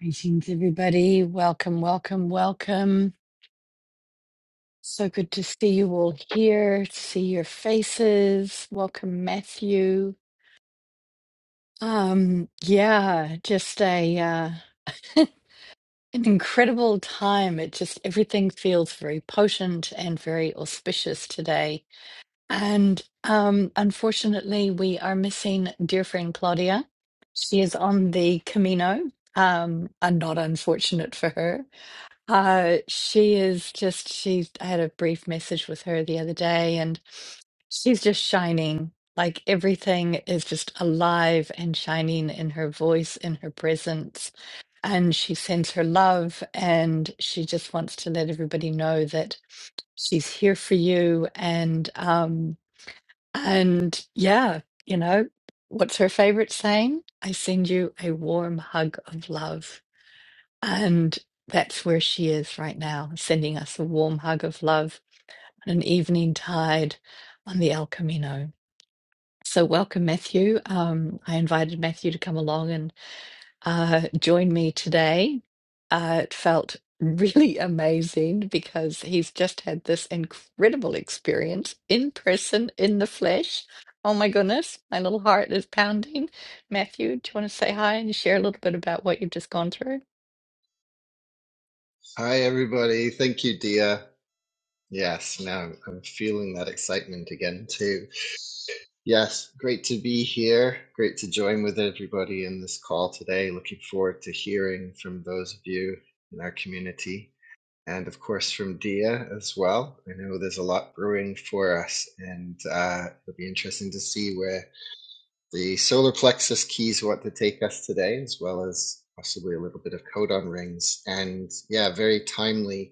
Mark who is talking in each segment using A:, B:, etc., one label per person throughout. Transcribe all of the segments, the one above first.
A: Greetings, everybody. Welcome, welcome, welcome. So good to see you all here, to see your faces. Welcome, Matthew. Um, yeah, just a uh, an incredible time. It just everything feels very potent and very auspicious today. And um, unfortunately, we are missing dear friend Claudia. She is on the Camino. Um, and not unfortunate for her. Uh, she is just, she, I had a brief message with her the other day, and she's just shining. Like everything is just alive and shining in her voice, in her presence. And she sends her love, and she just wants to let everybody know that she's here for you. And, um, and yeah, you know, what's her favorite saying? I send you a warm hug of love. And that's where she is right now, sending us a warm hug of love on an evening tide on the El Camino. So, welcome, Matthew. Um, I invited Matthew to come along and uh, join me today. Uh, it felt really amazing because he's just had this incredible experience in person, in the flesh. Oh my goodness, my little heart is pounding. Matthew, do you want to say hi and share a little bit about what you've just gone through?
B: Hi, everybody. Thank you, Dia. Yes, now I'm I'm feeling that excitement again, too. Yes, great to be here. Great to join with everybody in this call today. Looking forward to hearing from those of you in our community and, of course, from Dia as well. I know there's a lot brewing for us, and uh, it'll be interesting to see where the solar plexus keys want to take us today, as well as possibly a little bit of codon rings. And yeah, very timely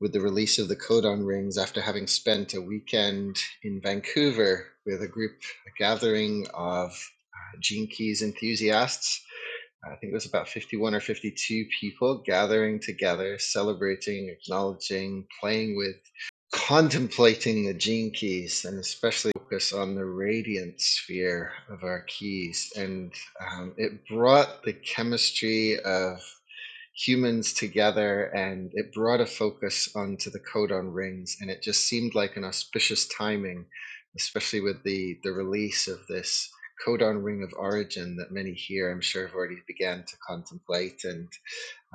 B: with the release of the Codon Rings after having spent a weekend in Vancouver with a group, a gathering of uh, Gene Keys enthusiasts. I think it was about 51 or 52 people gathering together, celebrating, acknowledging, playing with, contemplating the Gene Keys, and especially focus on the radiant sphere of our keys. And um, it brought the chemistry of humans together and it brought a focus onto the codon rings and it just seemed like an auspicious timing especially with the the release of this codon ring of origin that many here i'm sure have already began to contemplate and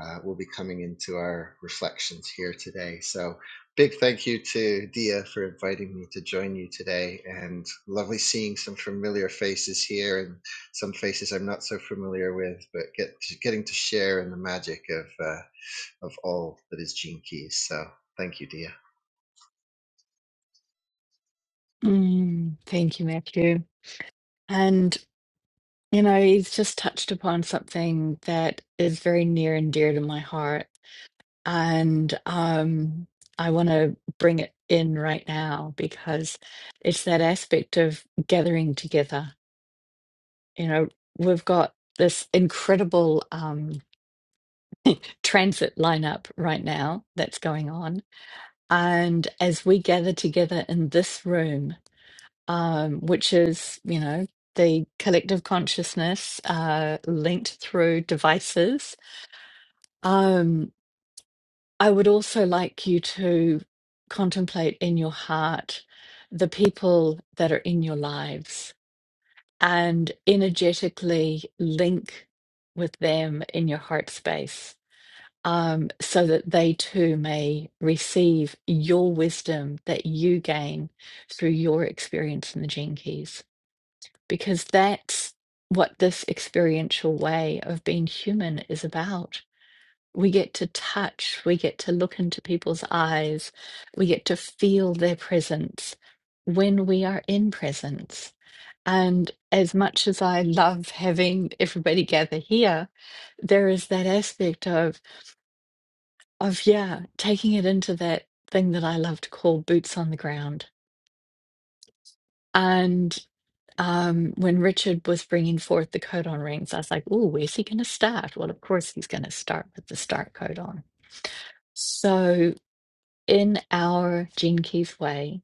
B: uh, will be coming into our reflections here today. So, big thank you to Dia for inviting me to join you today, and lovely seeing some familiar faces here and some faces I'm not so familiar with, but get getting to share in the magic of uh, of all that is Gene Keys. So, thank you, Dia.
A: Mm, thank you, Matthew. And, you know, he's just touched upon something that is very near and dear to my heart. And um, I want to bring it in right now because it's that aspect of gathering together. You know, we've got this incredible um, transit lineup right now that's going on. And as we gather together in this room, um, which is, you know, the collective consciousness uh, linked through devices. Um, I would also like you to contemplate in your heart the people that are in your lives and energetically link with them in your heart space. Um, so that they too may receive your wisdom that you gain through your experience in the Gene Keys. because that's what this experiential way of being human is about. We get to touch, we get to look into people's eyes, we get to feel their presence when we are in presence. And as much as I love having everybody gather here, there is that aspect of of yeah, taking it into that thing that I love to call boots on the ground. and. um, when Richard was bringing forth the codon rings, I was like, "Ooh, where's he going to start?" Well, of course, he's going to start with the start codon. So, in our Gene Keys way,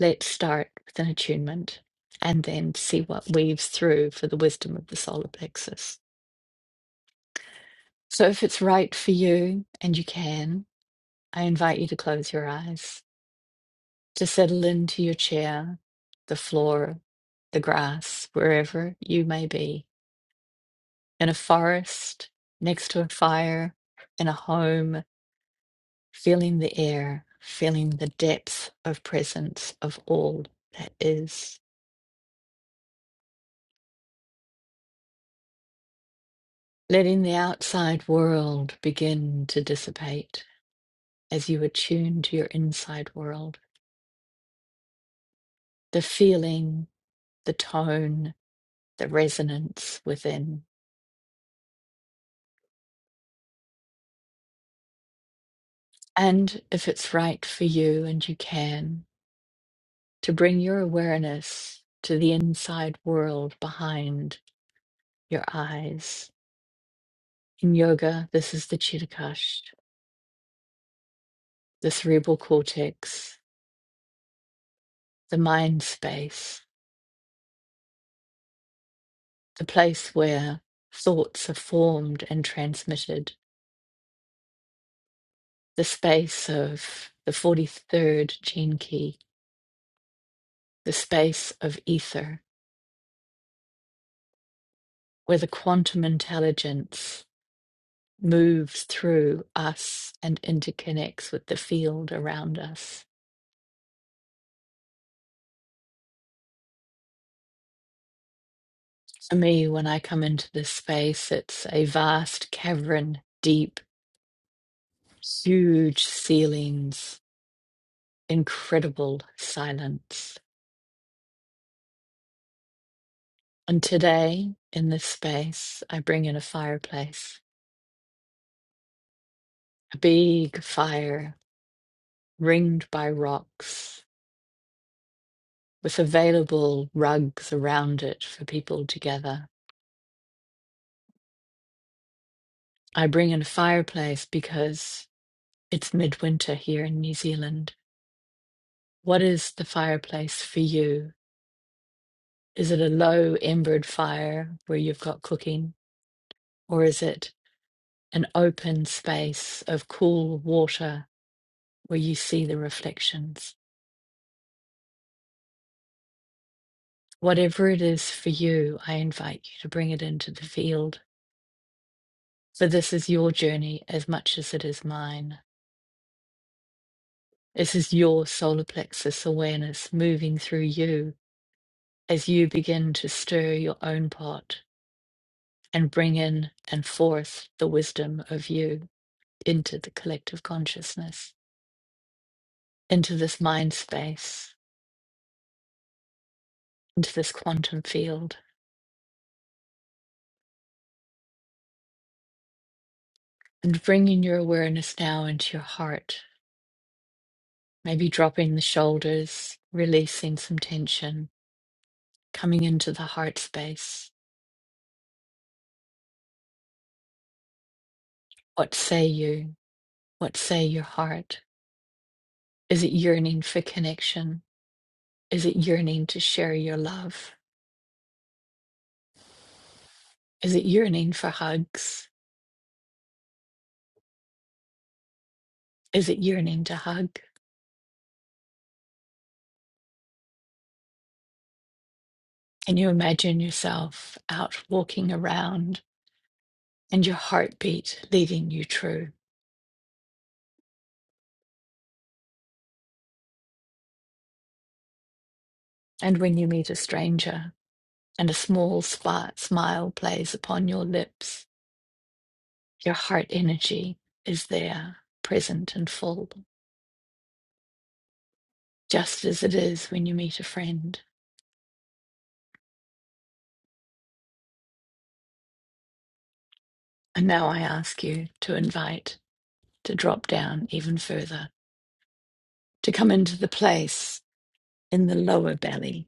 A: let's start with an attunement and then see what weaves through for the wisdom of the solar plexus. So, if it's right for you and you can, I invite you to close your eyes, to settle into your chair, the floor, the grass, wherever you may be in a forest, next to a fire, in a home, feeling the air, feeling the depth of presence of all that is, letting the outside world begin to dissipate as you attune to your inside world, the feeling, the tone, the resonance within. And if it's right for you and you can, to bring your awareness to the inside world behind your eyes In yoga, this is the Chittakash, the cerebral cortex, the mind space, the place where thoughts are formed and transmitted, the space of the 43rd gene key, the space of ether, where the quantum intelligence moves through us and interconnects with the field around us. For me, when I come into this space, it's a vast cavern, deep, huge ceilings incredible silence. And today, in this space, I bring in a fireplace, a big fire ringed by rocks with available rugs around it for people to gather. I bring in a fireplace because it's midwinter here in New Zealand. What is the fireplace for you? Is it a low embered fire where you've got cooking, or is it an open space of cool water where you see the reflections. Whatever it is for you, I invite you to bring it into the field. For this is your journey as much as it is mine. This is your solar plexus awareness moving through you as you begin to stir your own pot and bring in and forth the wisdom of you into the collective consciousness, into this mind space, into this quantum field. And bringing your awareness now into your heart Maybe dropping the shoulders, releasing some tension, coming into the heart space. What say you? What say your heart? Is it yearning for connection? Is it yearning to share your love? Is it yearning for hugs? Is it yearning to hug? Can you imagine yourself out walking around and your heartbeat leading you true? And when you meet a stranger and a small spot smile plays upon your lips, Your heart energy is there, present and full, just as it is when you meet a friend. And now I ask you to invite, to drop down even further, to come into the place in the lower belly,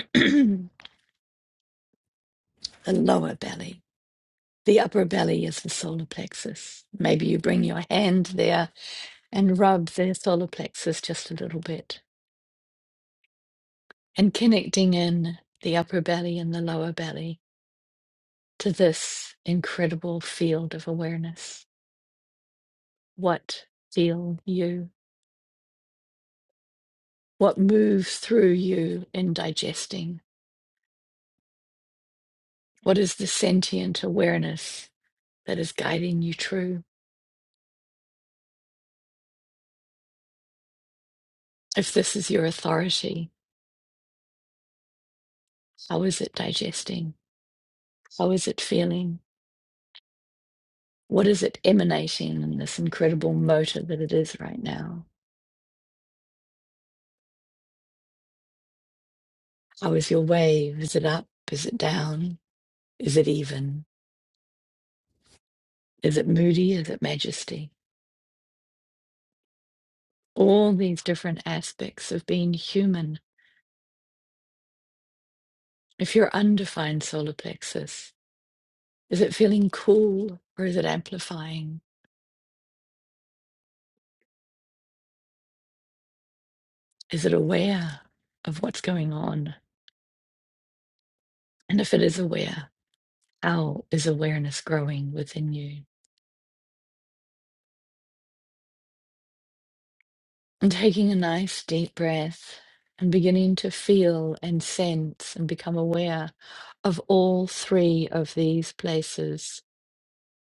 A: the lower belly. The upper belly is the solar plexus. Maybe you bring your hand there and rub the solar plexus just a little bit and connecting in the upper belly and the lower belly to this incredible field of awareness what feel you, what moves through you in digesting, what is the sentient awareness that is guiding you through. If this is your authority, how is it digesting? How is it feeling? What is it emanating in this incredible motor that it is right now? How is your wave? Is it up? Is it down? Is it even? Is it moody? Is it majesty? All these different aspects of being human. If your undefined solar plexus, Is it feeling cool or is it amplifying? Is it aware of what's going on? And if it is aware, how is awareness growing within you? And taking a nice deep breath and beginning to feel and sense and become aware of all three of these places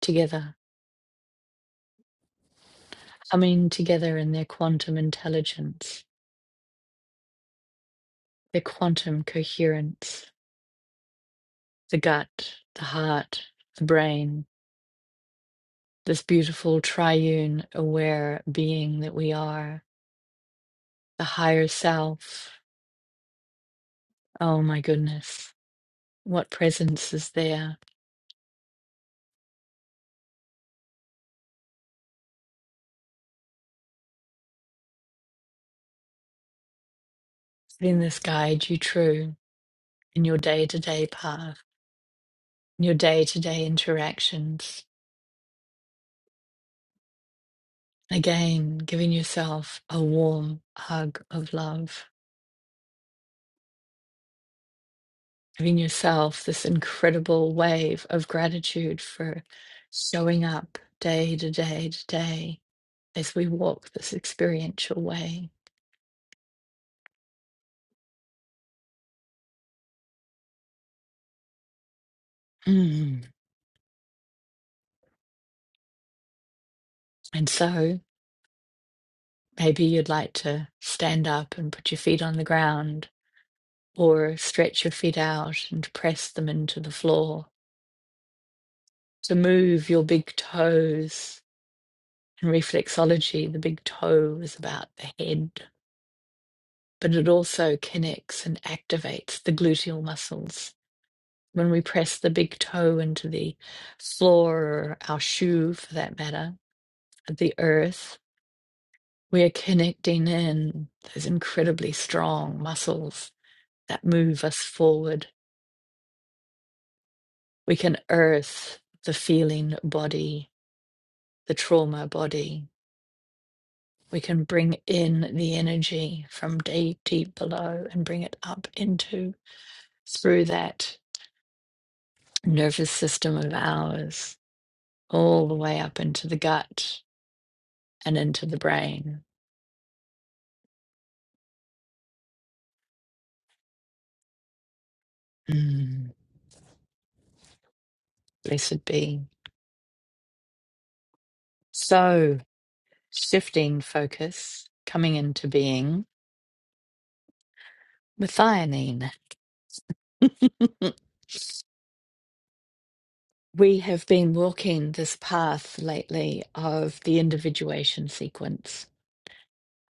A: together, coming together in their quantum intelligence, their quantum coherence, the gut, the heart, the brain, this beautiful triune aware being that we are, the higher self. Oh my goodness, what presence is there? Then this guide you true in your day to day path, in your day to day interactions. Again, giving yourself a warm hug of love, giving yourself this incredible wave of gratitude for showing up day to day to day as we walk this experiential way. Mm. And so maybe you'd like to stand up and put your feet on the ground or stretch your feet out and press them into the floor. To move your big toes. In reflexology, the big toe is about the head, but it also connects and activates the gluteal muscles. When we press the big toe into the floor or our shoe, for that matter, the earth, we are connecting in those incredibly strong muscles that move us forward. We can earth the feeling body, the trauma body. We can bring in the energy from deep, deep below and bring it up into through that nervous system of ours, all the way up into the gut and into the brain. Mm, blessed be. So, shifting focus, coming into being methionine. We have been walking this path lately of the individuation sequence.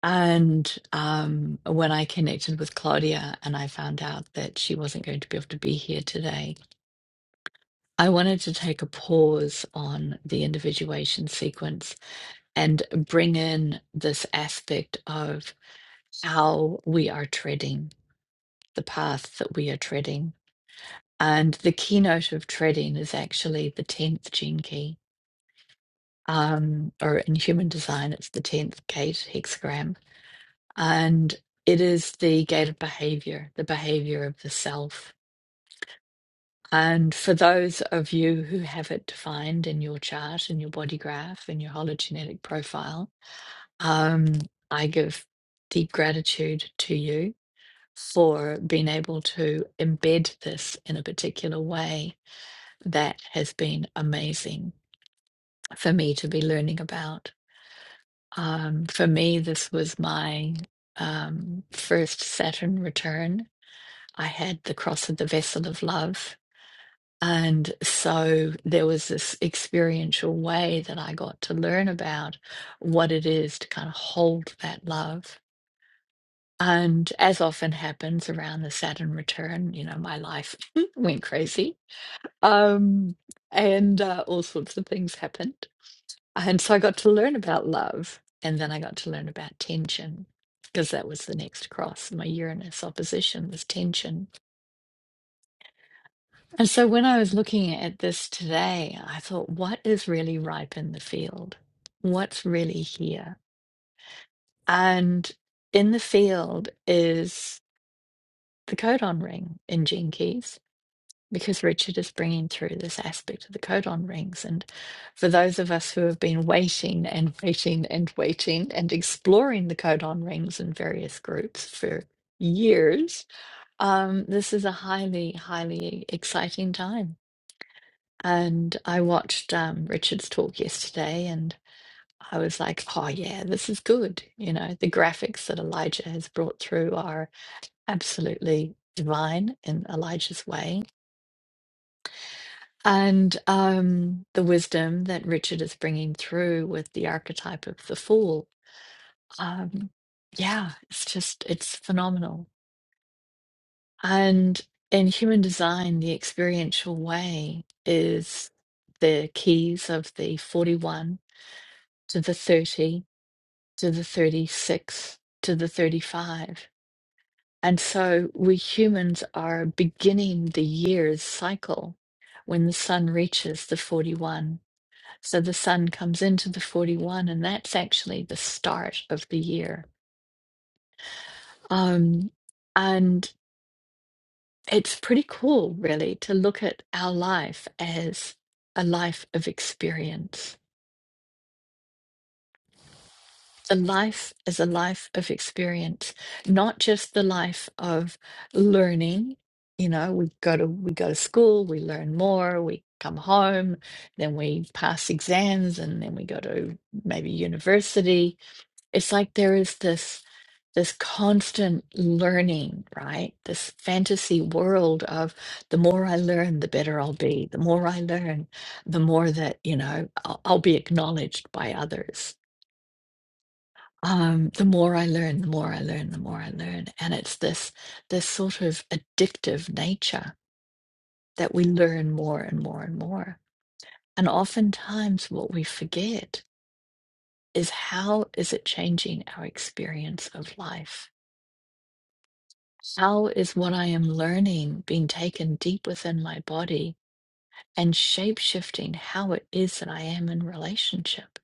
A: And um, when I connected with Claudia and I found out that she wasn't going to be able to be here today, I wanted to take a pause on the individuation sequence and bring in this aspect of how we are treading, the path that we are treading. And the keynote of treading is actually the 10th gene key um, or in human design, it's the 10th gate hexagram. And it is the gate of behavior, the behavior of the self. And for those of you who have it defined in your chart, in your body graph, in your hologenetic profile, um, I give deep gratitude to you for being able to embed this in a particular way that has been amazing for me to be learning about. Um, for me, this was my um, first Saturn return. I had the cross of the vessel of love. And so there was this experiential way that I got to learn about what it is to kind of hold that love. And as often happens around the Saturn return, you know, my life went crazy. Um, and uh, all sorts of things happened. And so I got to learn about love, and then I got to learn about tension because that was the next cross. My Uranus opposition was tension. And so when I was looking at this today, I thought, what is really ripe in the field? What's really here? And in the field is the codon ring in Gene Keys. because Richard is bringing through this aspect of the codon rings. And for those of us who have been waiting and waiting and waiting and exploring the codon rings in various groups for years, um, this is a highly, highly exciting time. And I watched um, Richard's talk yesterday and I was like, oh, yeah, this is good. You know, the graphics that Elijah has brought through are absolutely divine in Elijah's way And um, the wisdom that Richard is bringing through with the archetype of the fool, um, yeah, it's just, it's phenomenal. And in human design, the experiential way is the keys of the 41 to the 30 to the 36 to the 35. And so we humans are beginning the year's cycle when the sun reaches the 41 So the sun comes into the 41, and that's actually the start of the year. Um, and it's pretty cool, really, to look at our life as a life of experience. The life is a life of experience, not just the life of learning. You know, we go to we go to school, we learn more, we come home, then we pass exams, and then we go to maybe university It's like there is this this constant learning, right? This fantasy world of the more I learn, the better I'll be. The more I learn, the more that, you know, I'll, I'll be acknowledged by others. Um, the more I learn, the more I learn, the more I learn. And it's this this sort of addictive nature that we learn more and more and more. And oftentimes what we forget is how is it changing our experience of life? How is what I am learning being taken deep within my body and shape shifting how it is that I am in relationship,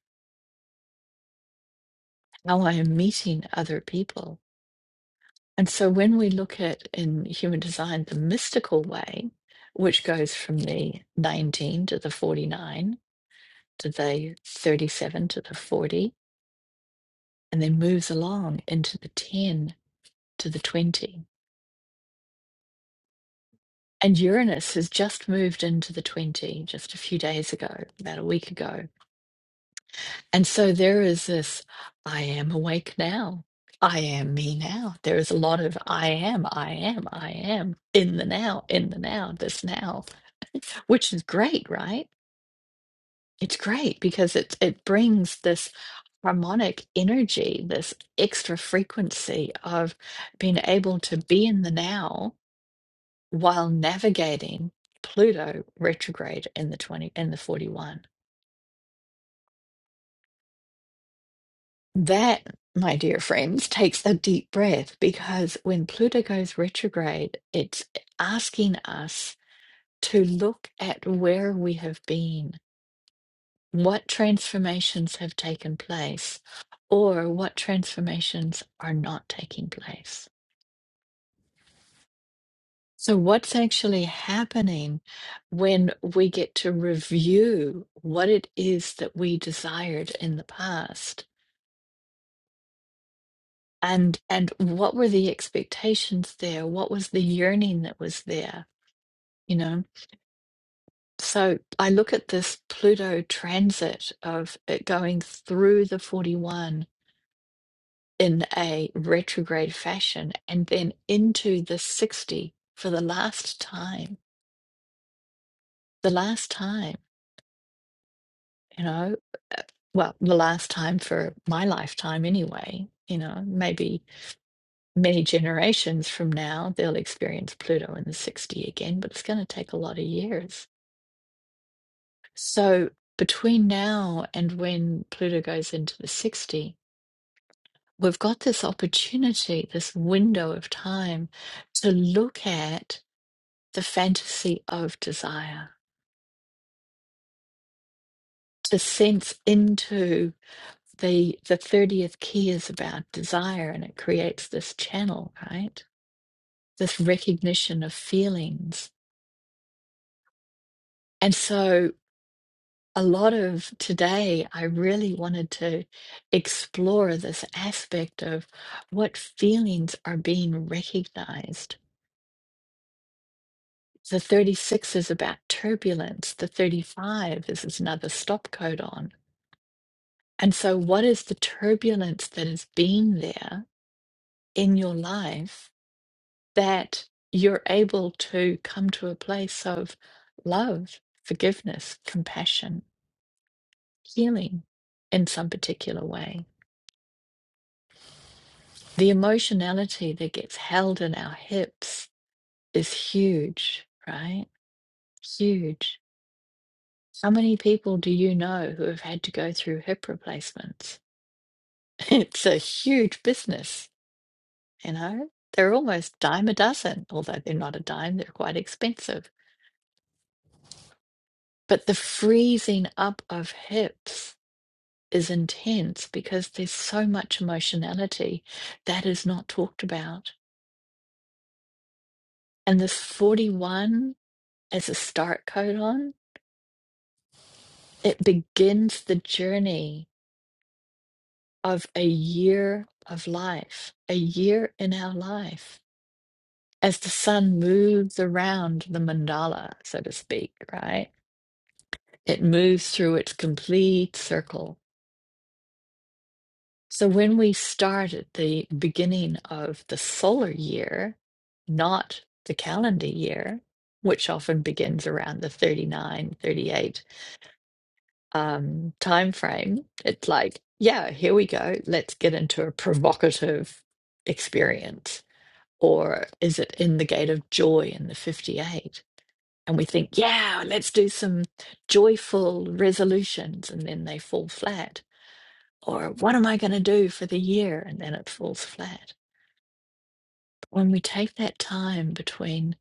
A: how I am meeting other people? And so when we look at in human design the mystical way, which goes from the 19 to the 49 to the 37 to the 40, and then moves along into the 10 to the 20. And Uranus has just moved into the 20 just a few days ago, about a week ago. And so there is this I am awake now. I am me now. There is a lot of I am, I am, I am in the now, in the now, this now, which is great, right? It's great because it it brings this harmonic energy, this extra frequency of being able to be in the now while navigating Pluto retrograde in the 20 in the 41 That, my dear friends, takes a deep breath because when Pluto goes retrograde, it's asking us to look at where we have been, what transformations have taken place, or what transformations are not taking place. So, what's actually happening when we get to review what it is that we desired in the past? and and what were the expectations there what was the yearning that was there you know so i look at this pluto transit of it going through the 41 in a retrograde fashion and then into the 60 for the last time the last time you know uh, well the last time for my lifetime anyway you know maybe many generations from now, they'll experience Pluto in the 60 again, but it's going to take a lot of years. So, between now and when Pluto goes into the 60, we've got this opportunity, this window of time to look at the fantasy of desire, to sense into the the 30th key is about desire and it creates this channel, right? This recognition of feelings. And so a lot of today, I really wanted to explore this aspect of what feelings are being recognized. The 36 is about turbulence, the 35 is, is another stop code on. And so, what is the turbulence that has been there in your life that you're able to come to a place of love, forgiveness, compassion, healing in some particular way? the emotionality that gets held in our hips is huge, right? Huge. How many people do you know who have had to go through hip replacements? It's a huge business, you know? They're almost dime a dozen, although they're not a dime, they're quite expensive. But the freezing up of hips is intense because there's so much emotionality that is not talked about. And this 41 as a start codon It begins the journey of a year of life, a year in our life. As the sun moves around the mandala, so to speak, right? It moves through its complete circle. So when we start at the beginning of the solar year, not the calendar year, which often begins around the thirty-nine, thirty-eight. um, time frame, it's like, yeah, here we go. Let's get into a provocative experience. Or is it in the gate of joy in the 58? And we think, yeah, let's do some joyful resolutions. And then they fall flat. Or what am I going to do for the year? And then it falls flat. But when we take that time between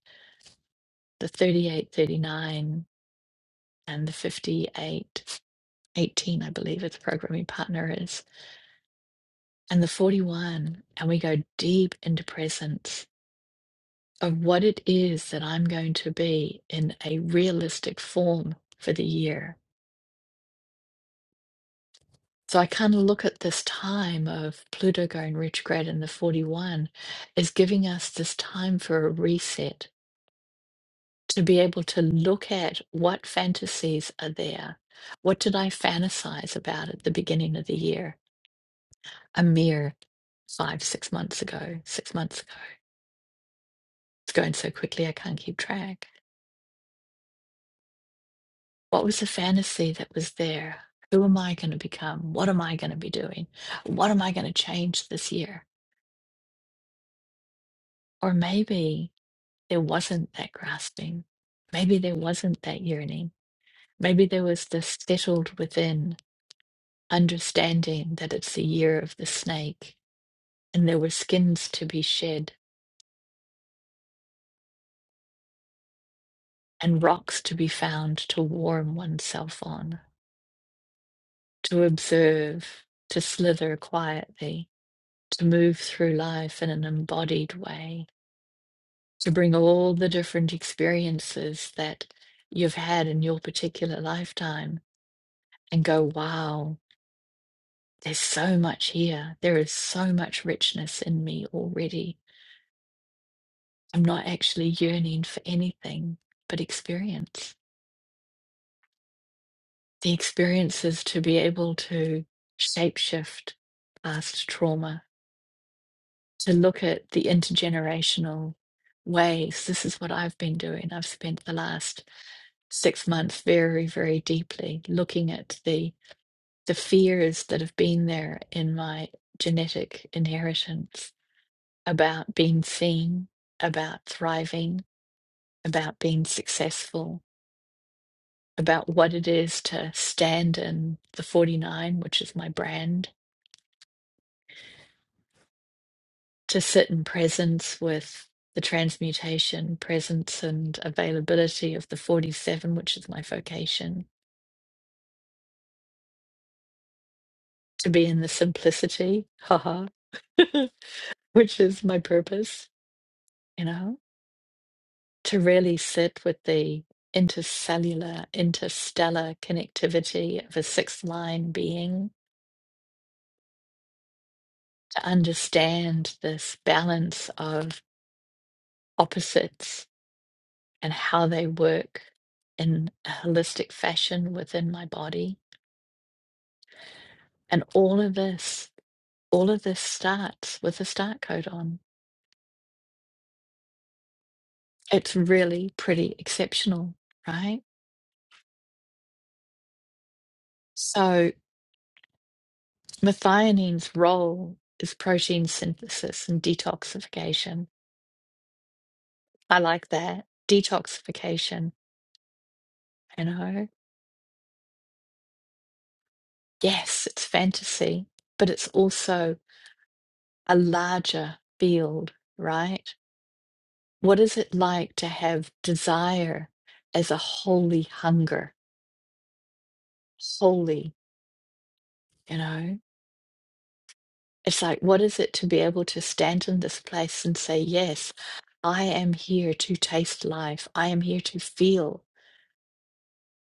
A: the 38, 39, and the 58, 18, I believe its programming partner is, and the 41, and we go deep into presence of what it is that I'm going to be in a realistic form for the year. So I kind of look at this time of Pluto going retrograde in the 41 as giving us this time for a reset to be able to look at what fantasies are there. What did I fantasize about at the beginning of the year? A mere five, six months ago, six months ago. It's going so quickly, I can't keep track What was the fantasy that was there? Who am I going to become? What am I going to be doing? What am I going to change this year? Or maybe there wasn't that grasping. Maybe there wasn't that yearning. Maybe there was this settled within understanding that it's the year of the snake and there were skins to be shed and rocks to be found to warm oneself on, to observe, to slither quietly, to move through life in an embodied way to bring all the different experiences that you've had in your particular lifetime and go, wow, there's so much here. There is so much richness in me already. I'm not actually yearning for anything but experience. The experience is to be able to shapeshift past trauma, to look at the intergenerational ways. This is what I've been doing. I've spent the last six months very, very deeply, looking at the the fears that have been there in my genetic inheritance about being seen, about thriving, about being successful, about what it is to stand in the 49, which is my brand, to sit in presence with the transmutation, presence, and availability of the 47, which is my vocation, to be in the simplicity, haha, which is my purpose, you know, to really sit with the intercellular, interstellar connectivity of a sixth line being, to understand this balance of opposites and how they work in a holistic fashion within my body. And all of this, all of this starts with a start code on. It's really pretty exceptional, right? So. Methionine's role is protein synthesis and detoxification. I like that. Detoxification, you know? Yes, it's fantasy, but it's also a larger field, right? What is it like to have desire as a holy hunger? Holy, you know? It's like, what is it to be able to stand in this place and say, yes, I am here to taste life. I am here to feel.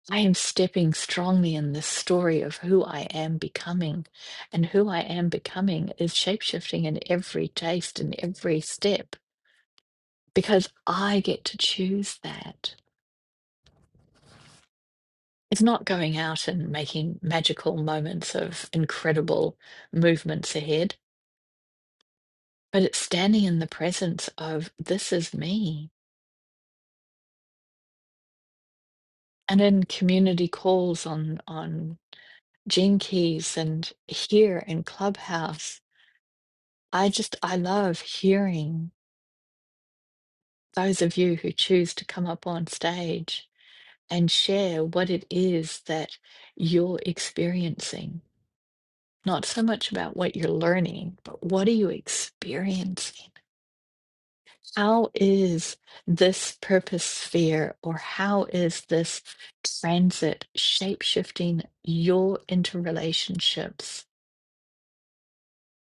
A: I am stepping strongly in this story of who I am becoming. And who I am becoming is shapeshifting in every taste and every step because I get to choose that. It's not going out and making magical moments of incredible movements ahead, but it's standing in the presence of this is me. And in community calls on on Gene Keys and here in Clubhouse, I just I love hearing those of you who choose to come up on stage and share what it is that you're experiencing. Not so much about what you're learning, but what are you experiencing? How is this purpose sphere or how is this transit shape shifting your interrelationships?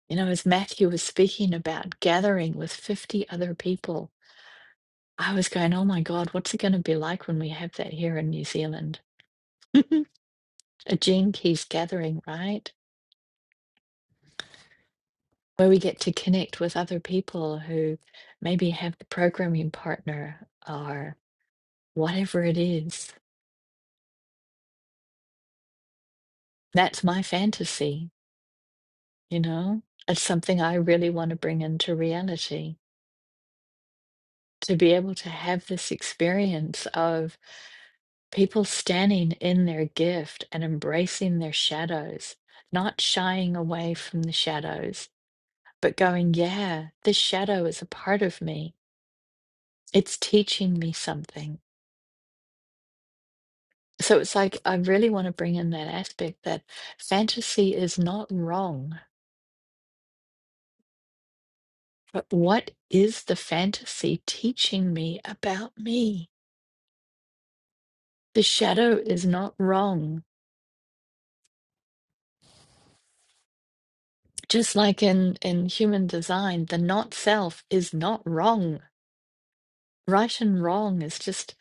A: You know, as Matthew was speaking about gathering with 50 other people, I was going, oh my God, what's it going to be like when we have that here in New Zealand? Mhm. a Gene Keys gathering, right? Where we get to connect with other people who maybe have the programming partner or whatever it is. That's my fantasy, you know? It's something I really want to bring into reality to be able to have this experience of people standing in their gift and embracing their shadows, not shying away from the shadows, but going, yeah, this shadow is a part of me. it's teaching me something. So it's like I really want to bring in that aspect that fantasy is not wrong, but what is the fantasy teaching me about me? The shadow is not wrong. Just like in, in human design, the not self is not wrong. Right and wrong is just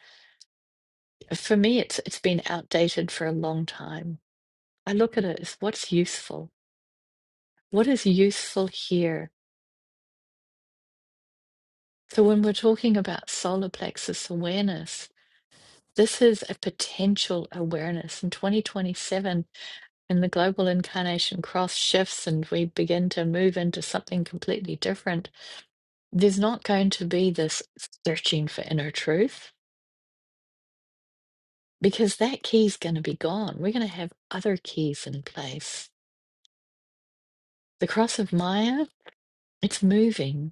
A: for me it's it's been outdated for a long time. I look at it as what's useful? What is useful here? So, when we're talking about solar plexus awareness, this is a potential awareness. In 2027, when the global incarnation cross shifts and we begin to move into something completely different, there's not going to be this searching for inner truth because that key's going to be gone. We're going to have other keys in place. The cross of Maya, it's moving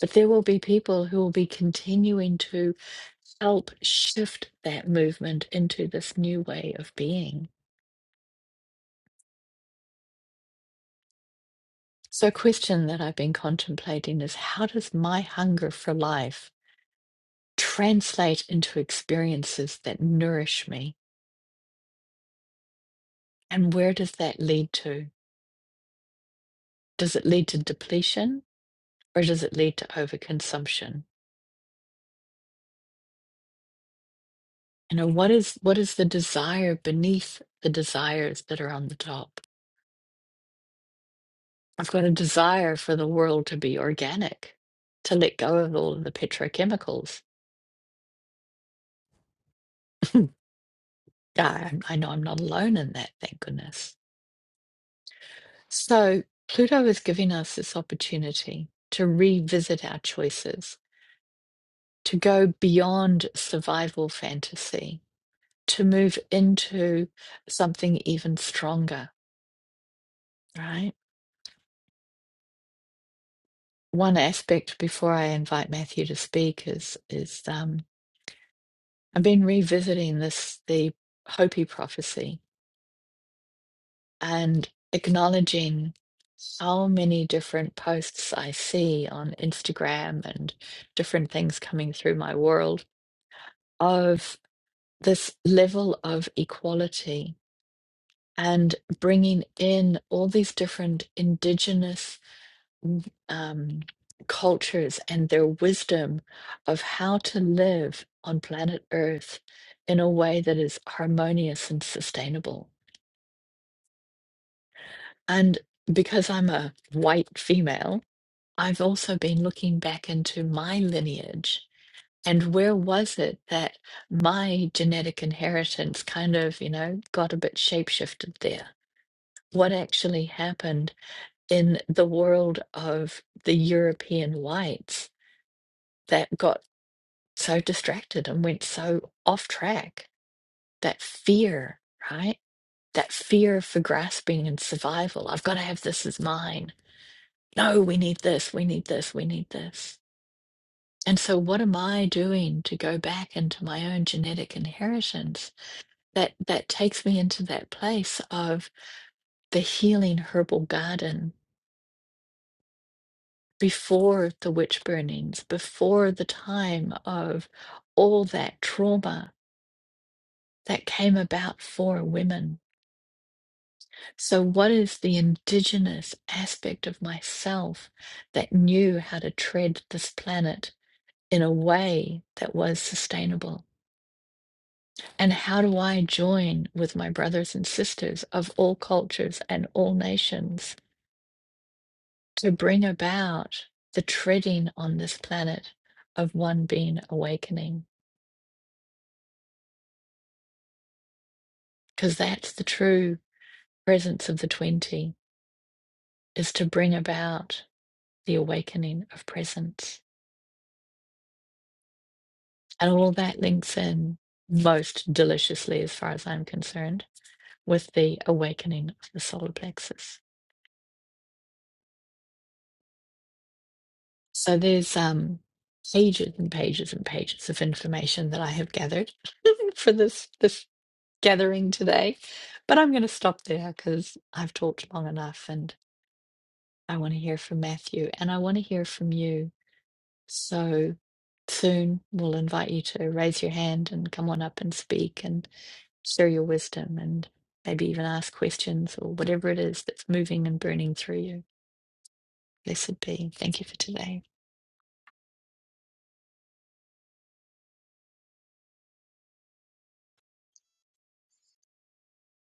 A: But there will be people who will be continuing to help shift that movement into this new way of being. So, a question that I've been contemplating is how does my hunger for life translate into experiences that nourish me? And where does that lead to? Does it lead to depletion or does it lead to overconsumption? You know, what is what is the desire beneath the desires that are on the top? I've got a desire for the world to be organic, to let go of all of the petrochemicals. Yeah, I, I know I'm not alone in that, thank goodness. So, Pluto is giving us this opportunity to revisit our choices, to go beyond survival fantasy, to move into something even stronger, right? One aspect before I invite Matthew to speak is is um, I've been revisiting this the Hopi prophecy and acknowledging how many different posts I see on Instagram and different things coming through my world of this level of equality and bringing in all these different indigenous um, cultures and their wisdom of how to live on planet Earth in a way that is harmonious and sustainable. And because I'm a white female, I've also been looking back into my lineage and where was it that my genetic inheritance kind of, you know, got a bit shapeshifted there? What actually happened in the world of the European whites that got so distracted and went so off track? That fear, right? That fear for grasping and survival. I've got to have this as mine. No, we need this, we need this, we need this. And so what am I doing to go back into my own genetic inheritance that that takes me into that place of the healing herbal garden before the witch burnings, before the time of all that trauma that came about for women. So what is the indigenous aspect of myself that knew how to tread this planet in a way that was sustainable? And how do I join with my brothers and sisters of all cultures and all nations to bring about the treading on this planet of one being awakening? Because that's the true presence of the 20 is to bring about the awakening of presence. And all that links in most deliciously, as far as I'm concerned, with the awakening of the solar plexus. So there's um pages and pages and pages of information that I have gathered for this this gathering today. But I'm going to stop there because I've talked long enough and I want to hear from Matthew and I want to hear from you. So soon we'll invite you to raise your hand and come on up and speak and share your wisdom and maybe even ask questions or whatever it is that's moving and burning through you. Blessed be. Thank you for today.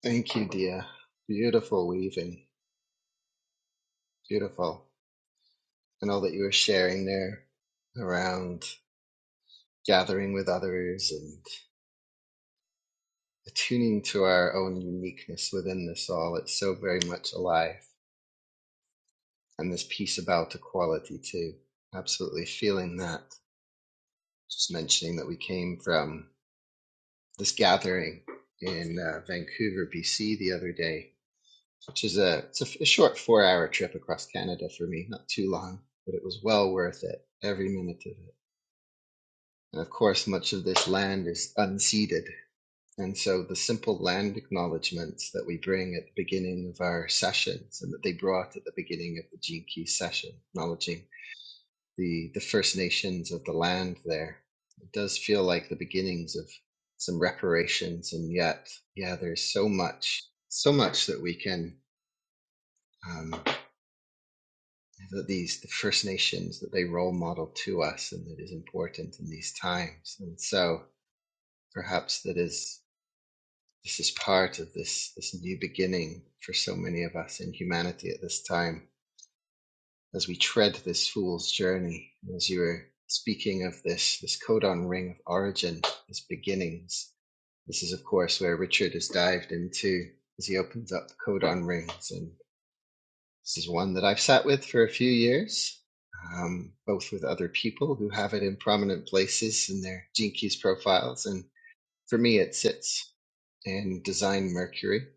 B: Thank you, Dia. Beautiful weaving, beautiful, and all that you were sharing there around gathering with others and. attuning to our own uniqueness within this all. It's so very much alive. And this piece about equality, too. Absolutely feeling that. Just mentioning that we came from this gathering in uh, Vancouver, BC the other day, which is a, it's a a short four hour trip across Canada for me, not too long, but it was well worth it, every minute of it. And of course, much of this land is unceded And so the simple land acknowledgements that we bring at the beginning of our sessions and that they brought at the beginning of the Gene Key session, acknowledging the, the First Nations of the land there. It does feel like the beginnings of some reparations. And yet, yeah, there's so much, so much that we can, um, that these, the First Nations, that they role model to us and that is important in these times. And so perhaps that is. This is part of this, this new beginning for so many of us in humanity at this time. As we tread this fool's journey, as you were speaking of this, this codon ring of origin, this beginnings, this is, of course, where Richard has dived into as he opens up the codon rings. And this is one that I've sat with for a few years, um, both with other people who have it in prominent places in their Gene Keys profiles. And for me, it sits in Design Mercury.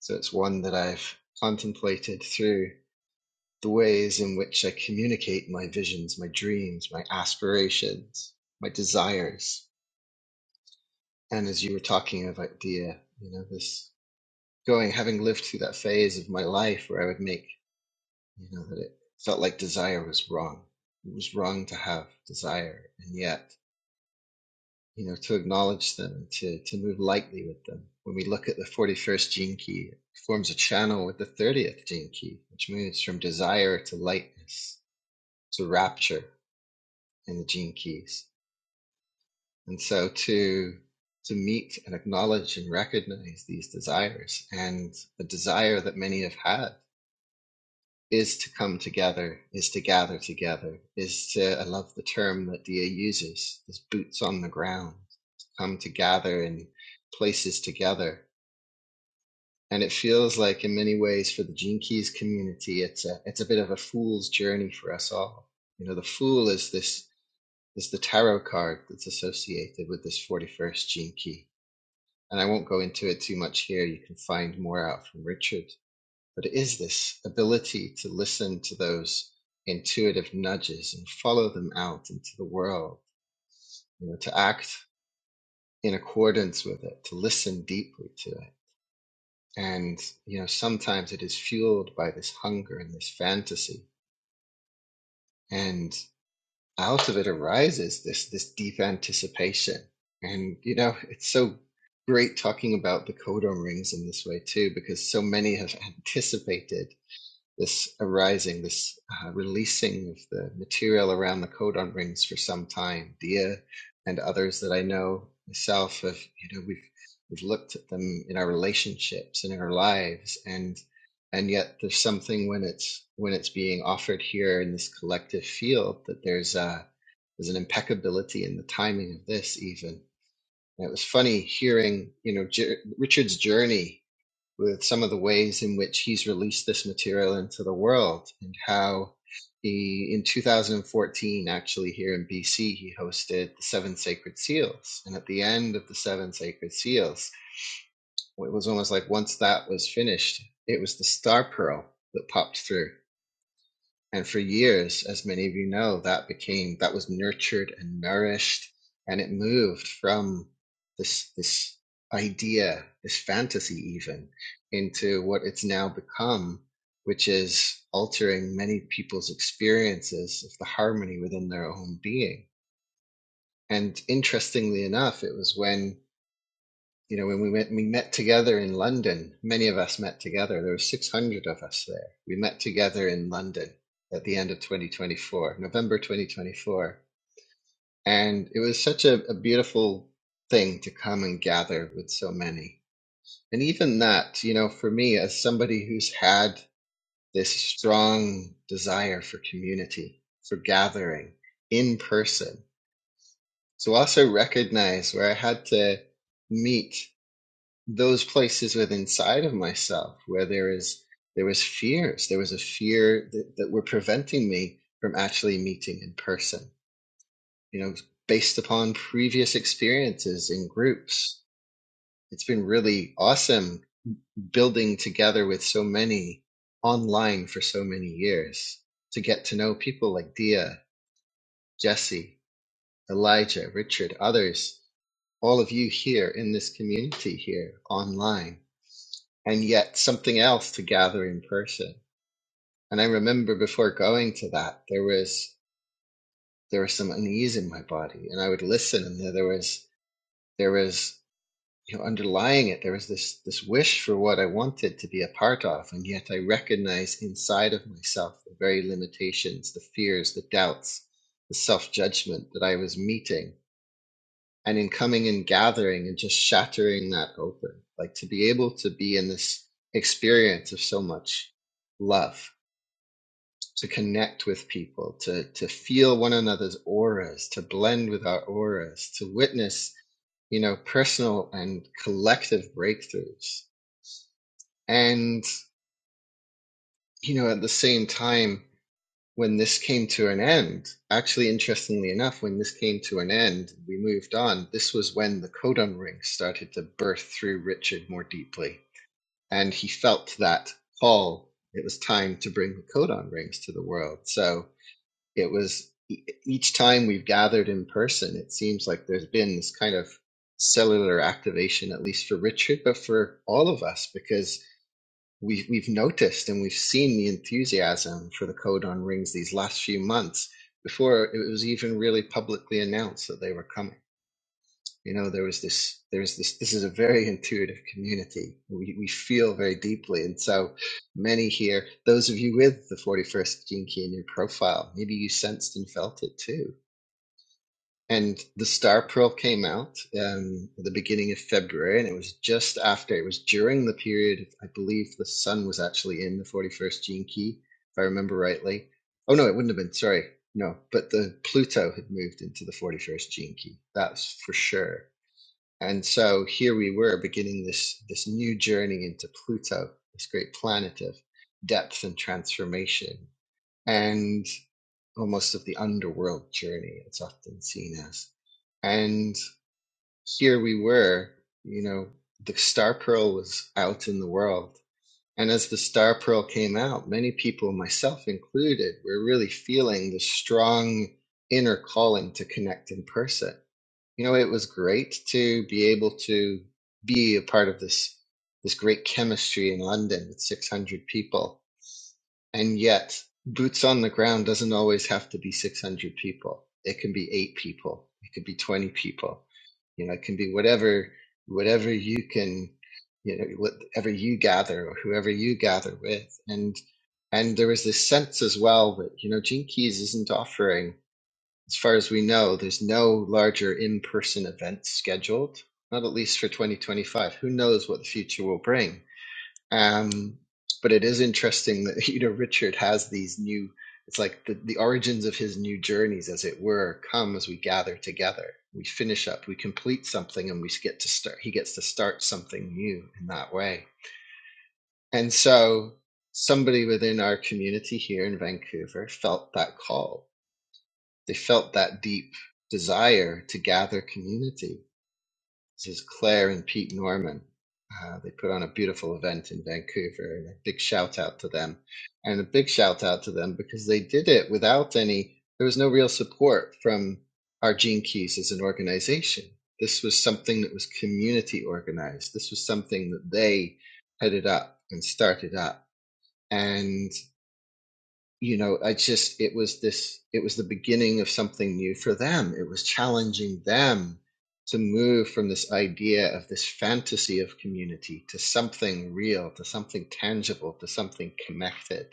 B: So it's one that I've contemplated through the ways in which I communicate my visions, my dreams, my aspirations, my desires. And as you were talking about Dia, you know, this going, having lived through that phase of my life where I would make, you know, that it felt like desire was wrong. It was wrong to have desire. And yet you know, to acknowledge them, to, to move lightly with them. When we look at the 41st gene key, it forms a channel with the 30th gene key, which moves from desire to lightness to rapture in the gene keys. And so to, to meet and acknowledge and recognize these desires and the desire that many have had is to come together, is to gather together, is to, I love the term that Dia uses, is boots on the ground, come to gather in places together. And it feels like in many ways for the Gene Keys community, it's a, it's a bit of a fool's journey for us all. You know, the fool is this, is the tarot card that's associated with this 41st Gene Key. And I won't go into it too much here. You can find more out from Richard but it is this ability to listen to those intuitive nudges and follow them out into the world you know to act in accordance with it to listen deeply to it and you know sometimes it is fueled by this hunger and this fantasy and out of it arises this this deep anticipation and you know it's so great talking about the codon rings in this way too because so many have anticipated this arising, this uh, releasing of the material around the codon rings for some time. Dia and others that I know myself have, you know, we've we've looked at them in our relationships and in our lives, and and yet there's something when it's when it's being offered here in this collective field that there's a there's an impeccability in the timing of this even. And it was funny hearing, you know, Jer- Richard's journey with some of the ways in which he's released this material into the world and how he in 2014 actually here in bc he hosted the seven sacred seals and at the end of the seven sacred seals it was almost like once that was finished it was the star pearl that popped through and for years, as many of you know, that became that was nurtured and nourished, and it moved from this this idea, this fantasy even, into what it's now become, which is altering many people's experiences of the harmony within their own being. And interestingly enough, it was when you know, when we went, we met together in London. Many of us met together. There were 600 of us there. We met together in London at the end of 2024, November 2024, and it was such a, a beautiful thing to come and gather with so many. And even that, you know, for me as somebody who's had this strong desire for community, for gathering in person, to also recognize where I had to meet those places within side of myself where there is there was fears there was a fear that, that were preventing me from actually meeting in person you know based upon previous experiences in groups it's been really awesome building together with so many online for so many years to get to know people like dia jesse elijah richard others all of you here in this community here online and yet something else to gather in person. And I remember before going to that, there was there was some unease in my body, and I would listen, and there, there was there was you know underlying it, there was this this wish for what I wanted to be a part of, and yet I recognized inside of myself the very limitations, the fears, the doubts, the self judgment that I was meeting. And in coming and gathering and just shattering that open, like to be able to be in this experience of so much love to connect with people, to, to feel one another's auras, to blend with our auras, to witness, you know, personal and collective breakthroughs. And, you know, at the same time, when this came to an end, actually, interestingly enough, when this came to an end, we moved on. This was when the codon ring started to burst through Richard more deeply. And he felt that call. It was time to bring the codon rings to the world. So, it was e- each time we've gathered in person, it seems like there's been this kind of cellular activation, at least for Richard, but for all of us, because we, we've noticed and we've seen the enthusiasm for the code on rings these last few months before it was even really publicly announced that they were coming you know there was this there's this this is a very intuitive community we, we feel very deeply and so many here those of you with the 41st gene key in your profile maybe you sensed and felt it too and the star pearl came out um, at the beginning of february and it was just after it was during the period i believe the sun was actually in the 41st gene key if i remember rightly oh no it wouldn't have been sorry no but the pluto had moved into the 41st gene key that's for sure and so here we were beginning this, this new journey into Pluto, this great planet of depth and transformation, and almost of the underworld journey, it's often seen as. And here we were, you know, the star pearl was out in the world. And as the star pearl came out, many people, myself included, were really feeling the strong inner calling to connect in person you know, it was great to be able to be a part of this this great chemistry in London with 600 people. And yet, boots on the ground doesn't always have to be 600 people. It can be 8 people. It could be 20 people. You know, it can be whatever whatever you can you know whatever you gather or whoever you gather with and and there was this sense as well that you know gene keys isn't offering as far as we know, there's no larger in-person event scheduled, not at least for 2025. Who knows what the future will bring? Um, but it is interesting that you know Richard has these new. It's like the, the origins of his new journeys, as it were, come as we gather together. We finish up, we complete something, and we get to start. He gets to start something new in that way. And so, somebody within our community here in Vancouver felt that call they felt that deep desire to gather community. This is Claire and Pete Norman. Uh, they put on a beautiful event in Vancouver, and a big shout out to them. And a big shout out to them because they did it without any, there was no real support from our Gene Keys as an organization. This was something that was community organized. This was something that they headed up and started up. and you know i just it was this it was the beginning of something new for them it was challenging them to move from this idea of this fantasy of community to something real to something tangible to something connected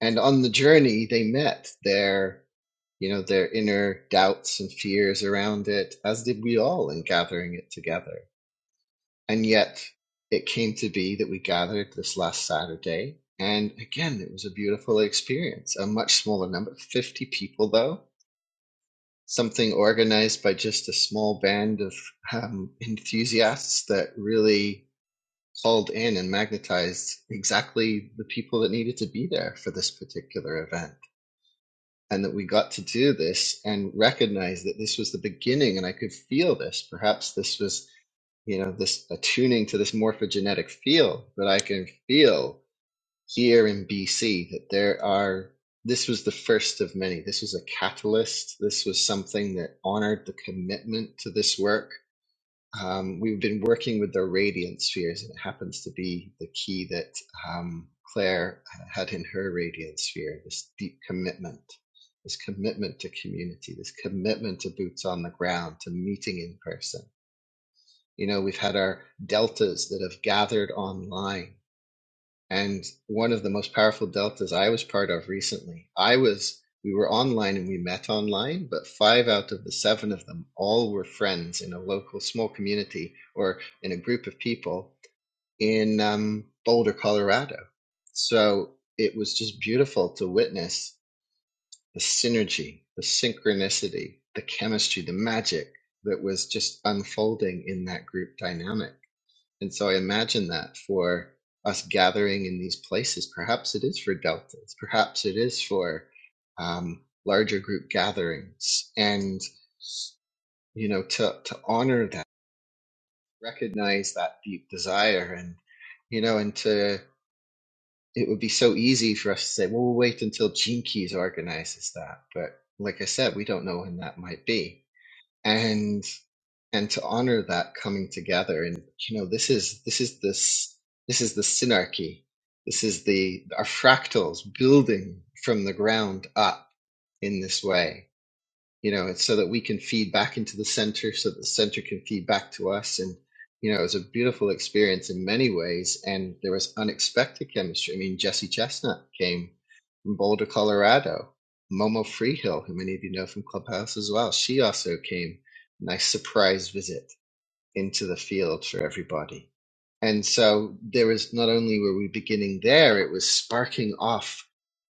B: and on the journey they met their you know their inner doubts and fears around it as did we all in gathering it together and yet it came to be that we gathered this last Saturday. And again, it was a beautiful experience. A much smaller number, 50 people though, something organized by just a small band of um, enthusiasts that really called in and magnetized exactly the people that needed to be there for this particular event. And that we got to do this and recognize that this was the beginning, and I could feel this. Perhaps this was you know this attuning to this morphogenetic field but i can feel here in bc that there are this was the first of many this was a catalyst this was something that honored the commitment to this work um, we've been working with the radiant spheres and it happens to be the key that um, claire had in her radiant sphere this deep commitment this commitment to community this commitment to boots on the ground to meeting in person you know, we've had our deltas that have gathered online. And one of the most powerful deltas I was part of recently, I was, we were online and we met online, but five out of the seven of them all were friends in a local small community or in a group of people in um, Boulder, Colorado. So it was just beautiful to witness the synergy, the synchronicity, the chemistry, the magic that was just unfolding in that group dynamic and so I imagine that for us gathering in these places, perhaps it is for deltas, perhaps it is for um, larger group gatherings, and you know to to honor that, recognize that deep desire, and you know, and to it would be so easy for us to say, well, we'll wait until Gene Keys organizes that, but like I said, we don't know when that might be, and and to honor that coming together and you know this is this is this this is the synarchy this is the our fractals building from the ground up in this way you know it's so that we can feed back into the center so that the center can feed back to us and you know it was a beautiful experience in many ways and there was unexpected chemistry i mean jesse chestnut came from boulder colorado momo freehill who many of you know from clubhouse as well she also came nice surprise visit into the field for everybody. And so there was not only were we beginning there, it was sparking off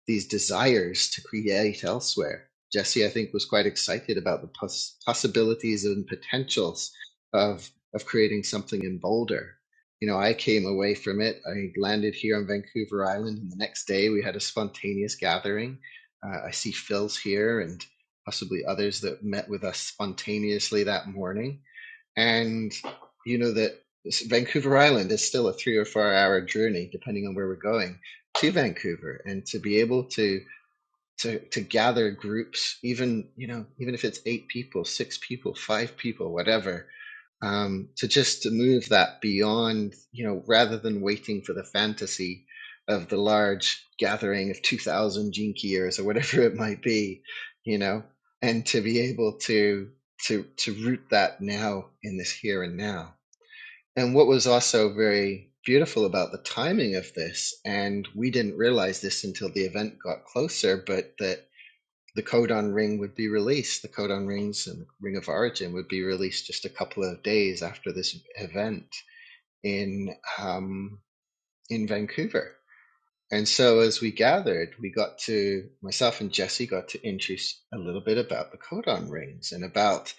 B: these desires to create elsewhere. Jesse, I think, was quite excited about the pos- possibilities and potentials of of creating something in Boulder. You know, I came away from it. I landed here on Vancouver Island, and the next day we had a spontaneous gathering. Uh, I see Phil's here and possibly others that met with us spontaneously that morning and you know that Vancouver Island is still a three or four hour journey, depending on where we're going to Vancouver, and to be able to to to gather groups, even you know, even if it's eight people, six people, five people, whatever, um, to just to move that beyond, you know, rather than waiting for the fantasy of the large gathering of 2,000 jinkiers or whatever it might be, you know, and to be able to to to root that now in this here and now. And what was also very beautiful about the timing of this, and we didn't realize this until the event got closer, but that the codon ring would be released. The codon rings and the ring of origin would be released just a couple of days after this event in um, in Vancouver. And so, as we gathered, we got to myself and Jesse got to introduce a little bit about the codon rings and about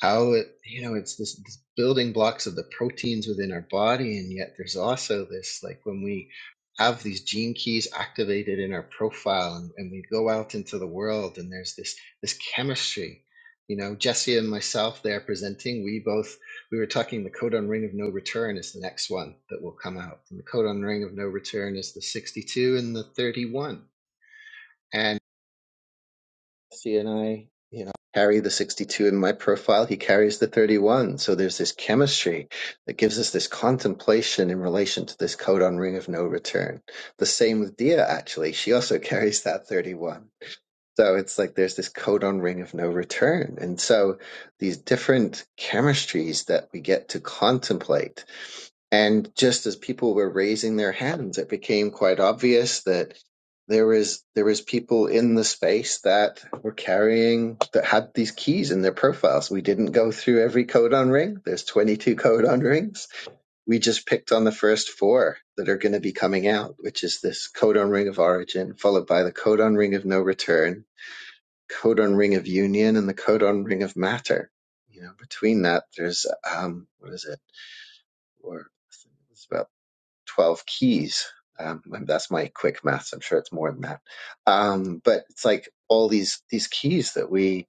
B: how it you know it's this, this building blocks of the proteins within our body and yet there's also this like when we have these gene keys activated in our profile and, and we go out into the world and there's this this chemistry you know jesse and myself they are presenting we both we were talking the codon ring of no return is the next one that will come out and the codon ring of no return is the 62 and the 31 and Jesse and I, you know, carry the 62 in my profile. He carries the 31. So there's this chemistry that gives us this contemplation in relation to this codon ring of no return. The same with Dia, actually. She also carries that 31. So it's like there's this codon ring of no return. And so these different chemistries that we get to contemplate and just as people were raising their hands, it became quite obvious that there was there was people in the space that were carrying that had these keys in their profiles. We didn't go through every codon ring. There's 22 codon rings. We just picked on the first four that are going to be coming out, which is this codon ring of origin, followed by the codon ring of no return, codon ring of union, and the codon ring of matter. You know, between that, there's um, what is it? Or 12 keys. Um, that's my quick maths. I'm sure it's more than that. Um, but it's like all these, these keys that we,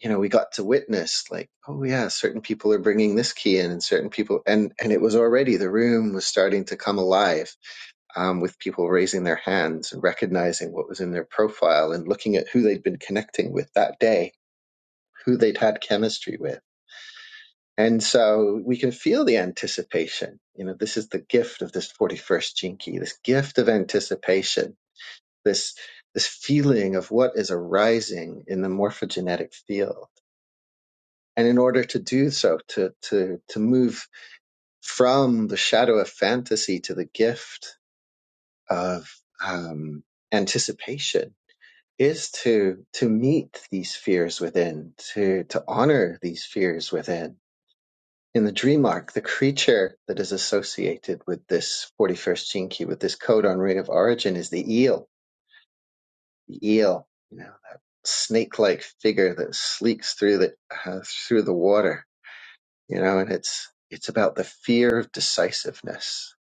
B: you know, we got to witness like, oh yeah, certain people are bringing this key in and certain people, and, and it was already, the room was starting to come alive, um, with people raising their hands and recognizing what was in their profile and looking at who they'd been connecting with that day, who they'd had chemistry with. And so we can feel the anticipation. You know, this is the gift of this 41st jinki, this gift of anticipation, this, this feeling of what is arising in the morphogenetic field. And in order to do so, to, to, to move from the shadow of fantasy to the gift of um, anticipation is to, to meet these fears within, to, to honor these fears within in the dream arc, the creature that is associated with this 41st Jinki, with this code on ring of origin, is the eel. The eel, you know, that snake-like figure that sleeks through the uh, through the water, you know, and it's it's about the fear of decisiveness.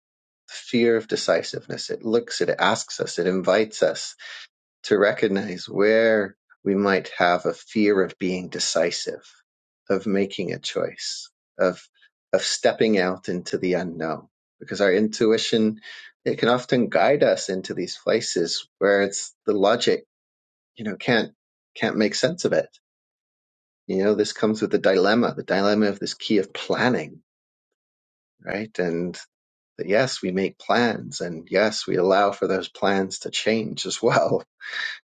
B: The fear of decisiveness. It looks, it asks us, it invites us to recognize where we might have a fear of being decisive, of making a choice, of of stepping out into the unknown. Because our intuition, it can often guide us into these places where it's the logic, you know, can't can't make sense of it. You know, this comes with the dilemma, the dilemma of this key of planning, right? And that yes, we make plans and yes, we allow for those plans to change as well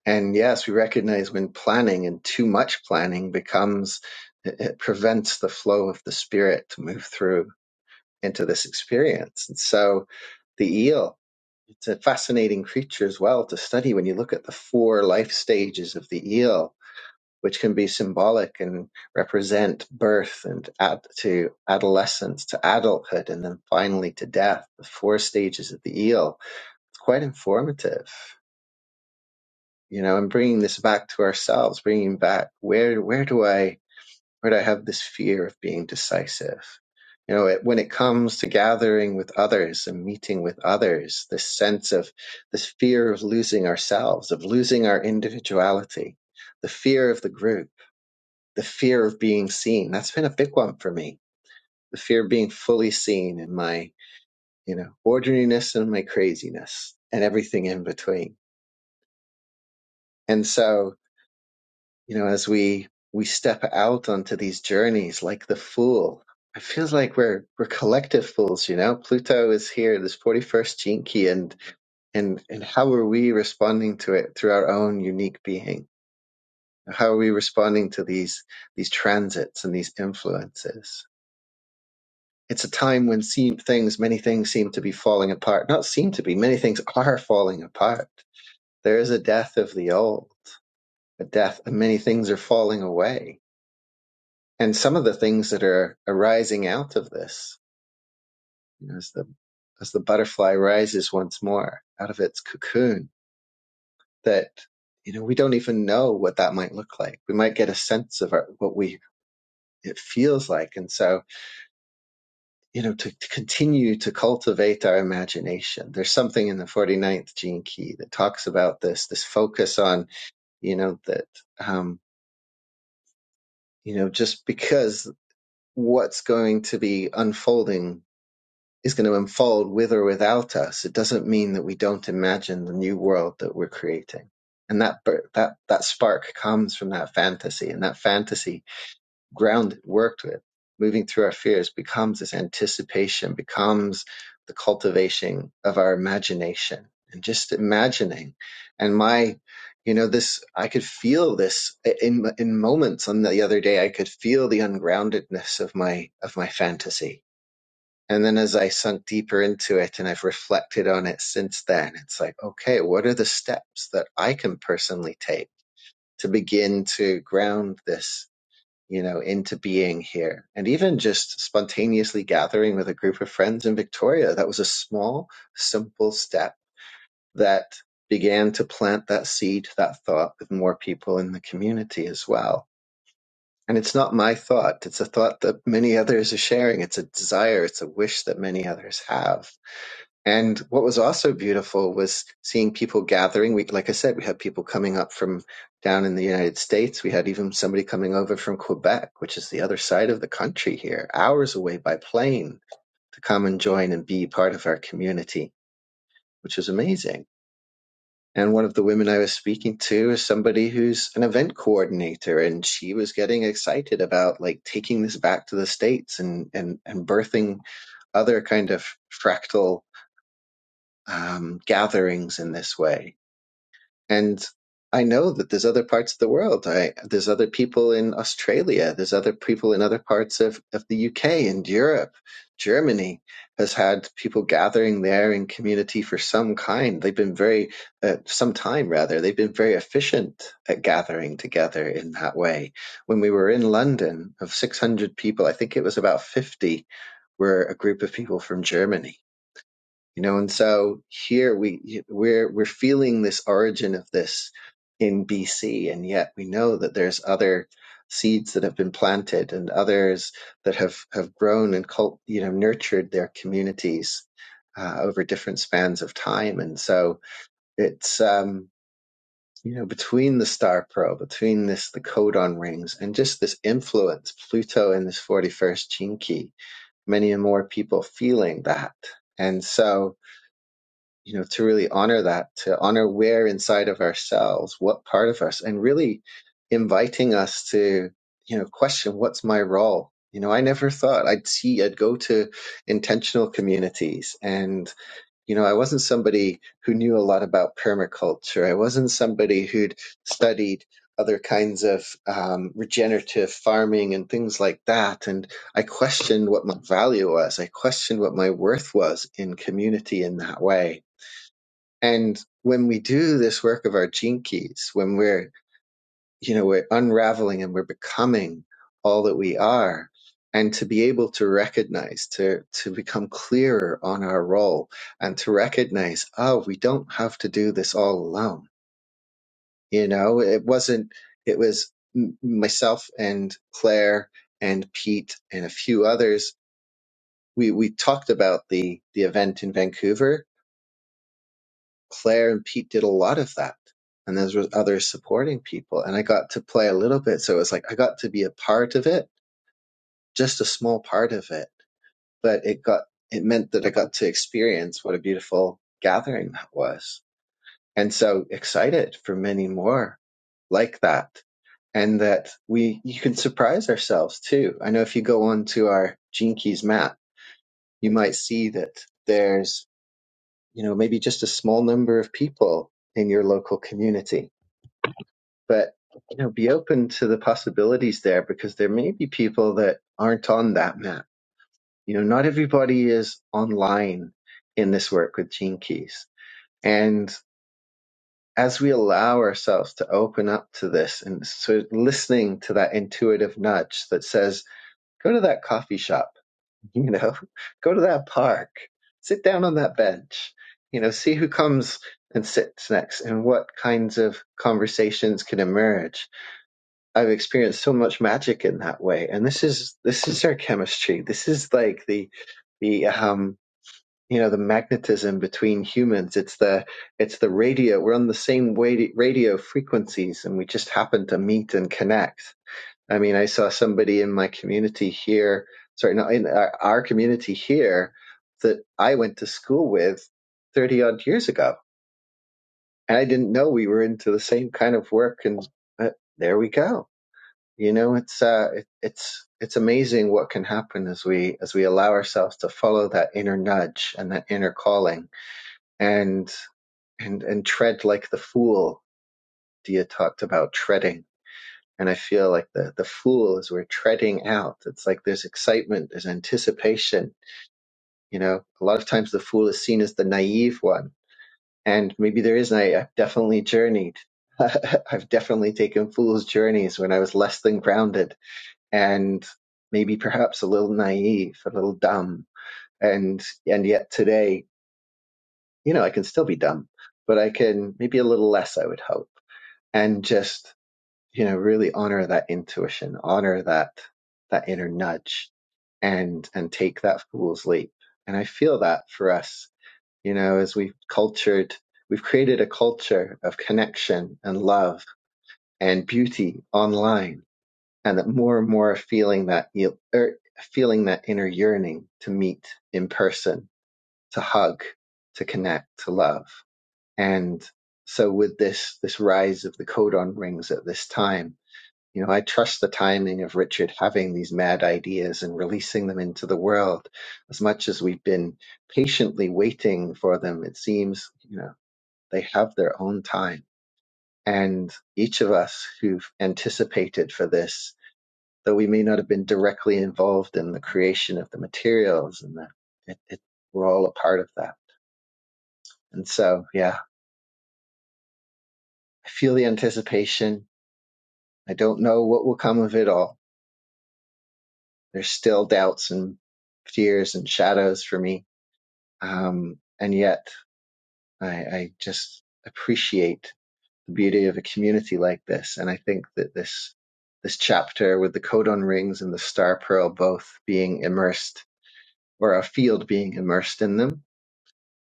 B: And yes, we recognize when planning and too much planning becomes, it it prevents the flow of the spirit to move through into this experience. And so the eel, it's a fascinating creature as well to study when you look at the four life stages of the eel, which can be symbolic and represent birth and add to adolescence, to adulthood, and then finally to death, the four stages of the eel. It's quite informative you know and bringing this back to ourselves bringing back where where do i where do i have this fear of being decisive you know it, when it comes to gathering with others and meeting with others this sense of this fear of losing ourselves of losing our individuality the fear of the group the fear of being seen that's been a big one for me the fear of being fully seen in my you know ordinariness and my craziness and everything in between and so you know, as we we step out onto these journeys like the fool, it feels like we're we're collective fools, you know. Pluto is here, this forty first jinki, and and and how are we responding to it through our own unique being? How are we responding to these these transits and these influences? It's a time when seem things, many things seem to be falling apart. Not seem to be, many things are falling apart. There is a death of the old, a death, and many things are falling away and some of the things that are arising out of this you know, as the as the butterfly rises once more out of its cocoon that you know we don't even know what that might look like we might get a sense of our, what we it feels like and so you know to, to continue to cultivate our imagination there's something in the forty ninth gene key that talks about this this focus on you know that um you know just because what's going to be unfolding is going to unfold with or without us, it doesn't mean that we don't imagine the new world that we're creating. And that that that spark comes from that fantasy, and that fantasy, grounded, worked with, moving through our fears, becomes this anticipation, becomes the cultivation of our imagination, and just imagining. And my, you know, this I could feel this in in moments. On the other day, I could feel the ungroundedness of my of my fantasy and then as I sunk deeper into it and I've reflected on it since then, it's like, okay, what are the steps that I can personally take to begin to ground this, you know, into being here? And even just spontaneously gathering with a group of friends in Victoria, that was a small, simple step that began to plant that seed, that thought with more people in the community as well. And it's not my thought. It's a thought that many others are sharing. It's a desire. It's a wish that many others have and what was also beautiful was seeing people gathering. We, like I said, we had people coming up from down in the United States. We had even somebody coming over from Quebec, which is the other side of the country here, hours away by plane to come and join and be part of our community, which was amazing. And one of the women I was speaking to is somebody who's an event coordinator and she was getting excited about like taking this back to the States and, and, and birthing other kind of fractal um, gatherings in this way. And I know that there's other parts of the world. I, there's other people in Australia. There's other people in other parts of, of the UK and Europe. Germany has had people gathering there in community for some kind. They've been very, uh, some time rather, they've been very efficient at gathering together in that way. When we were in London, of 600 people, I think it was about 50 were a group of people from Germany you know and so here we we're we're feeling this origin of this in BC and yet we know that there's other seeds that have been planted and others that have have grown and cult, you know nurtured their communities uh, over different spans of time and so it's um you know between the star pearl between this the codon rings and just this influence pluto and this 41st gene key many and more people feeling that and so you know to really honor that to honor where inside of ourselves what part of us and really inviting us to you know question what's my role you know i never thought i'd see i'd go to intentional communities and you know i wasn't somebody who knew a lot about permaculture i wasn't somebody who'd studied other kinds of um, regenerative farming and things like that and i questioned what my value was i questioned what my worth was in community in that way and when we do this work of our gene keys, when we're, you know, we're unraveling and we're becoming all that we are, and to be able to recognize, to, to become clearer on our role and to recognize, oh, we don't have to do this all alone. You know, it wasn't, it was m- myself and Claire and Pete and a few others. We, we talked about the, the event in Vancouver Claire and Pete did a lot of that. And there was other supporting people. And I got to play a little bit. So it was like I got to be a part of it, just a small part of it. But it got it meant that I got to experience what a beautiful gathering that was. And so excited for many more like that. And that we you can surprise ourselves too. I know if you go onto our Gene Keys map, you might see that there's, you know, maybe just a small number of people in your local community but you know be open to the possibilities there because there may be people that aren't on that map you know not everybody is online in this work with gene keys and as we allow ourselves to open up to this and sort of listening to that intuitive nudge that says go to that coffee shop you know go to that park sit down on that bench you know see who comes and sits next and what kinds of conversations can emerge I've experienced so much magic in that way. And this is this is their chemistry. This is like the the um you know the magnetism between humans. It's the it's the radio. We're on the same wa- radio frequencies, and we just happen to meet and connect. I mean, I saw somebody in my community here. Sorry, not in our, our community here that I went to school with thirty odd years ago, and I didn't know we were into the same kind of work. And uh, there we go you know it's uh it, it's it's amazing what can happen as we as we allow ourselves to follow that inner nudge and that inner calling and and and tread like the fool dia talked about treading and i feel like the the fool is we're treading out it's like there's excitement there's anticipation you know a lot of times the fool is seen as the naive one and maybe there is naive i've definitely journeyed i've definitely taken fool's journeys when i was less than grounded and maybe perhaps a little naive, a little dumb. And and yet today, you know, I can still be dumb, but I can maybe a little less, I would hope. And just, you know, really honor that intuition, honor that that inner nudge and and take that fool's leap. And I feel that for us, you know, as we've cultured we've created a culture of connection and love and beauty online and that more and more feeling that you er, feeling that inner yearning to meet in person, to hug, to connect, to love. And so with this this rise of the codon rings at this time, you know, I trust the timing of Richard having these mad ideas and releasing them into the world. As much as we've been patiently waiting for them, it seems, you know, they have their own time. And each of us who've anticipated for this though we may not have been directly involved in the creation of the materials and the, it, it, we're all a part of that. And so, yeah, I feel the anticipation. I don't know what will come of it all. There's still doubts and fears and shadows for me. Um, and yet I, I just appreciate the beauty of a community like this. And I think that this, this chapter with the codon rings and the star pearl both being immersed or a field being immersed in them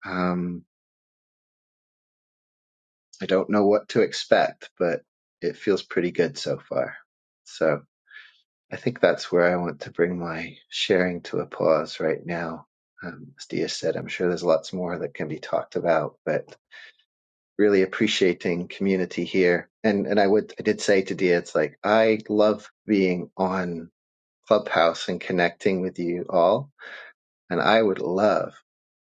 B: um, I don't know what to expect, but it feels pretty good so far. So I think that's where I want to bring my sharing to a pause right now. Um, as Dia said, I'm sure there's lots more that can be talked about, but really appreciating community here. And and I would I did say to Dia, it's like I love being on Clubhouse and connecting with you all, and I would love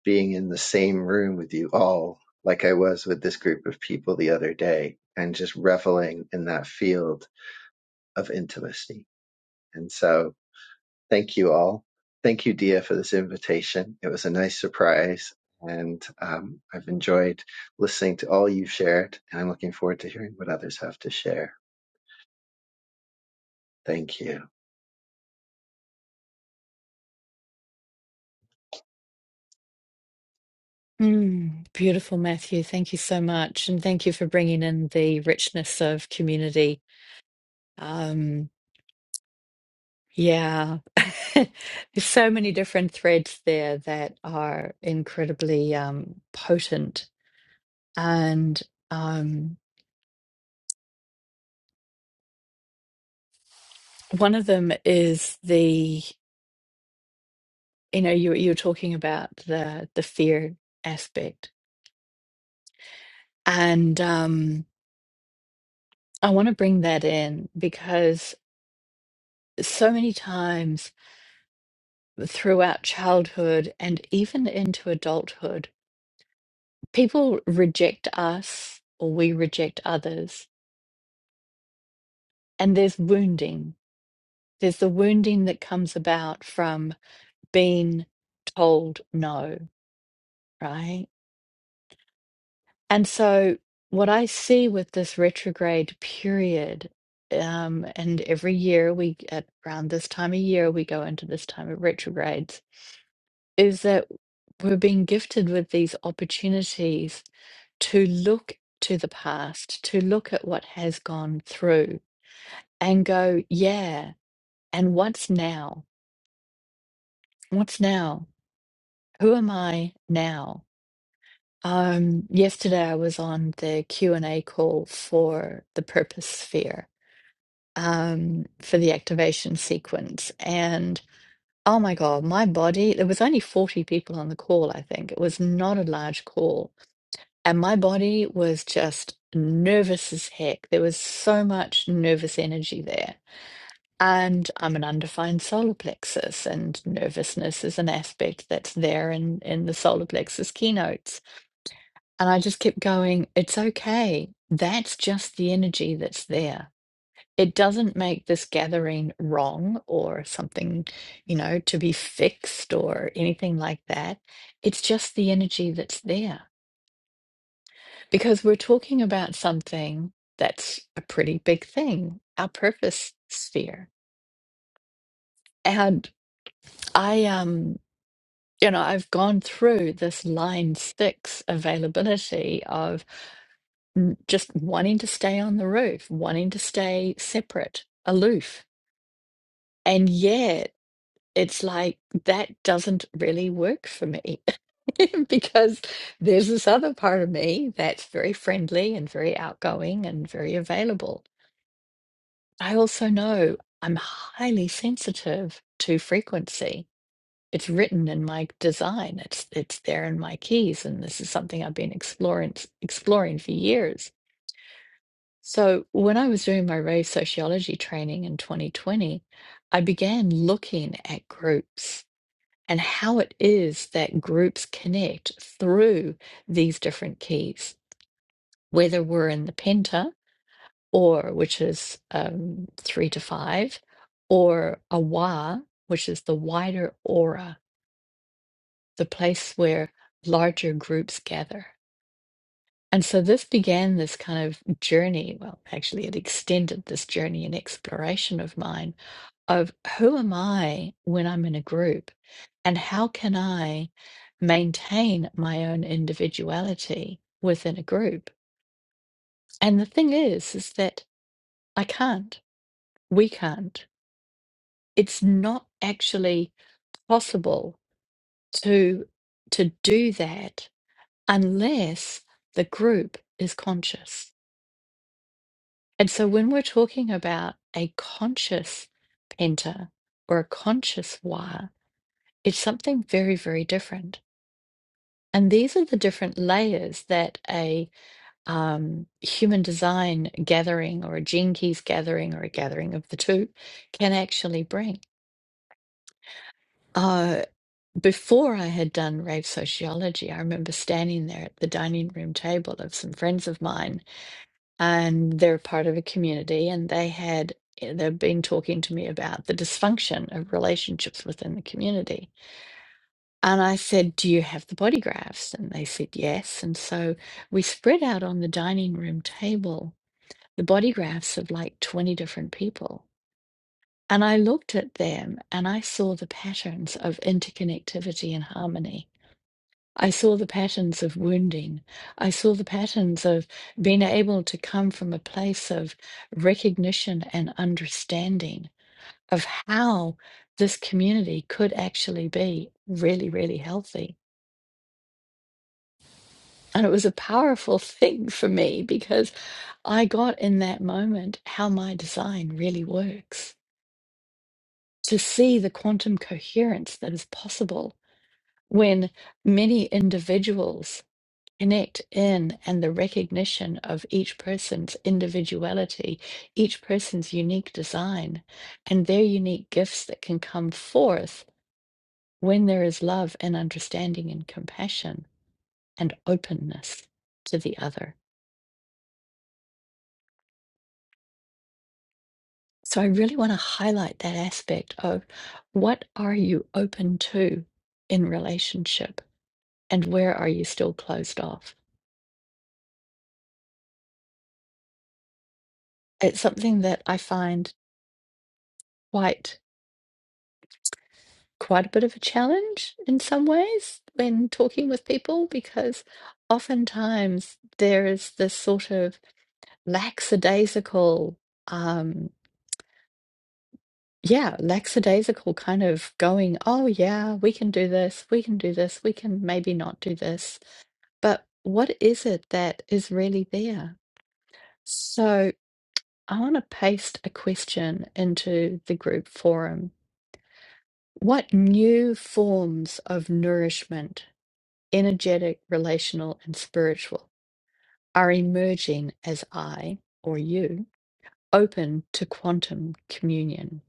B: being in the same room with you all, like I was with this group of people the other day, and just reveling in that field of intimacy. And so, thank you all. Thank you, Dia, for this invitation. It was a nice surprise, and um, I've enjoyed listening to all you've shared, and I'm looking forward to hearing what others have to share. Thank you.
A: Mm, beautiful, Matthew. Thank you so much. And thank you for bringing in the richness of community. Um, yeah, there's so many different threads there that are incredibly um, potent. And um, one of them is the, you know, you, you're talking about the, the fear aspect. And um, I want to bring that in so many times throughout childhood and even into adulthood, people reject us or we reject others. And there's wounding. There's the wounding that comes about from being told no, right? And so, what I see with this retrograde period, um, and every year we, at around this time of year, we go into this time of retrogrades is that we're being gifted with these opportunities to look to the past, to look at what has gone through and go, yeah, and what's now? What's now? Who am I now? Um, yesterday I was on the Q&A call for the purpose sphere, um, for the activation sequence. And oh my God, my body, there was only 40 people on the call, I think. It was not a large call And my body was just nervous as heck. There was so much nervous energy there. And I'm an undefined solar plexus, and nervousness is an aspect that's there in, in the solar plexus keynotes. And I just kept going, it's okay. That's just the energy that's there. It doesn't make this gathering wrong or something, you know, to be fixed or anything like that. It's just the energy that's there. because we're talking about something that's a pretty big thing, our purpose sphere. And I um you know, I've gone through this line six availability of mm, just wanting to stay on the roof, wanting to stay separate, aloof. And yet it's like that doesn't really work for me because there's this other part of me that's very friendly and very outgoing and very available I also know I'm highly sensitive to frequency. It's written in my design. It's it's there in my keys, and this is something I've been exploring exploring for years. So when I was doing my Ray sociology training in 2020, I began looking at groups and how it is that groups connect through these different keys, whether we're in the penta or which is um, three to five, or a wa, which is the wider aura, the place where larger groups gather. And so this began this kind of journey. Well, actually, it extended this journey and exploration of mine of who am I when I'm in a group and how can I maintain my own individuality within a group? And the thing is, is that I can't. We can't. it's not actually possible to to do that unless the group is conscious and so when we're talking about a conscious penta or a conscious wire it's something very very different and these are the different layers that a um, human design gathering or a gene keys gathering or a gathering of the two can actually bring Uh, before I had done rave sociology, I remember standing there at the dining room table of some friends of mine, and they're part of a community, and they had eh, they've been talking to me about the dysfunction of relationships within the community. And I said, Do you have the body graphs? And they said, Yes. And so we spread out on the dining room table the body graphs of like 20 different people. And I looked at them and I saw the patterns of interconnectivity and harmony I saw the patterns of wounding. I saw the patterns of being able to come from a place of recognition and understanding of how this community could actually be really, really healthy. And it was a powerful thing for me because I got in that moment how my design really works to see the quantum coherence that is possible when many individuals connect in and the recognition of each person's individuality, each person's unique design, and their unique gifts that can come forth when there is love and understanding and compassion and openness to the other. So I really want to highlight that aspect of what are you open to in relationship and where are you still closed off? It's something that I find quite quite a bit of a challenge in some ways when talking with people because oftentimes there is this sort of lackadaisical, um, yeah, lackadaisical kind of going, oh, yeah, we can do this, we can do this, we can maybe not do this. But what is it that is really there? So I want to paste a question into the group forum. What new forms of nourishment? energetic, relational, and spiritual, are emerging as I or you open to quantum communion.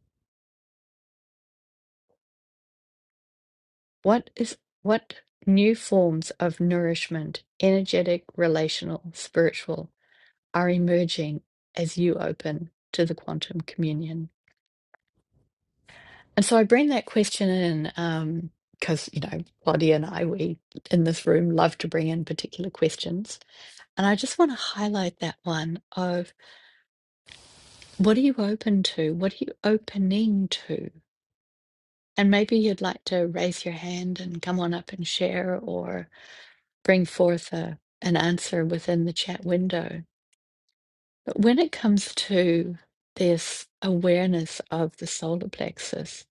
A: What is what new forms of nourishment, energetic, relational, spiritual, are emerging as you open to the quantum communion? And so I bring that question in um, because you know Claudia and I we in this room love to bring in particular questions, and I just want to highlight that one of What are you open to? What are you opening to? And maybe you'd like to raise your hand and come on up and share or bring forth a, an answer within the chat window. But when it comes to this awareness of the solar plexus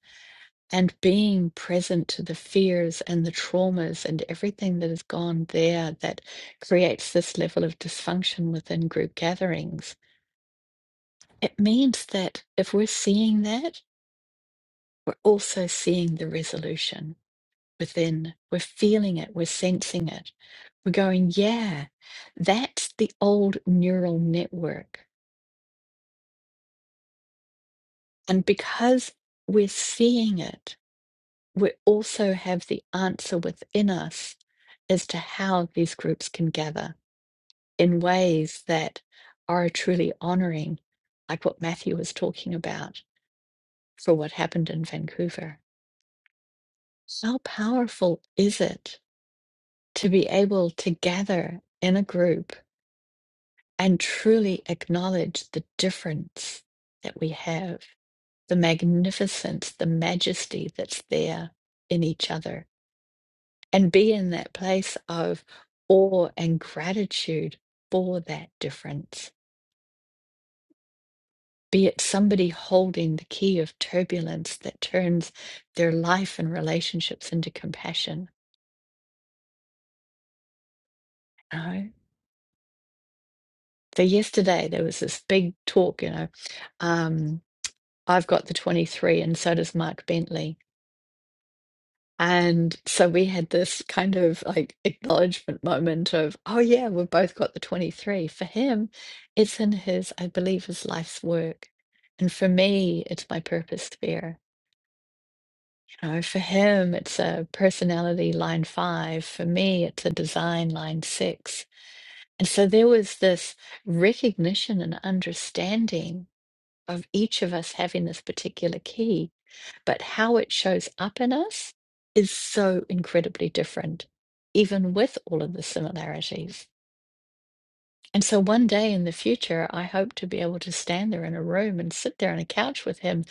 A: and being present to the fears and the traumas and everything that has gone there that creates this level of dysfunction within group gatherings, it means that if we're seeing that, we're also seeing the resolution within. We're feeling it, we're sensing it. We're going, yeah, that's the old neural network. And because we're seeing it, we also have the answer within us as to how these groups can gather in ways that are truly honoring, like what Matthew was talking about for what happened in Vancouver. How powerful is it to be able to gather in a group and truly acknowledge the difference that we have, the magnificence, the majesty that's there in each other, and be in that place of awe and gratitude for that difference. Be it somebody holding the key of turbulence that turns their life and relationships into compassion. You know? So yesterday there was this big talk, you know, um, I've got the 23 and so does Mark Bentley. And so we had this kind of like acknowledgement moment of, oh yeah, we've both got the 23. For him, it's in his, I believe, his life's work. And for me, it's my purpose sphere. You know, for him, it's a personality line five. For me, it's a design line six. And so there was this recognition and understanding of each of us having this particular key but how it shows up in us is so incredibly different, even with all of the similarities. And so one day in the future, I hope to be able to stand there in a room and sit there on a couch with him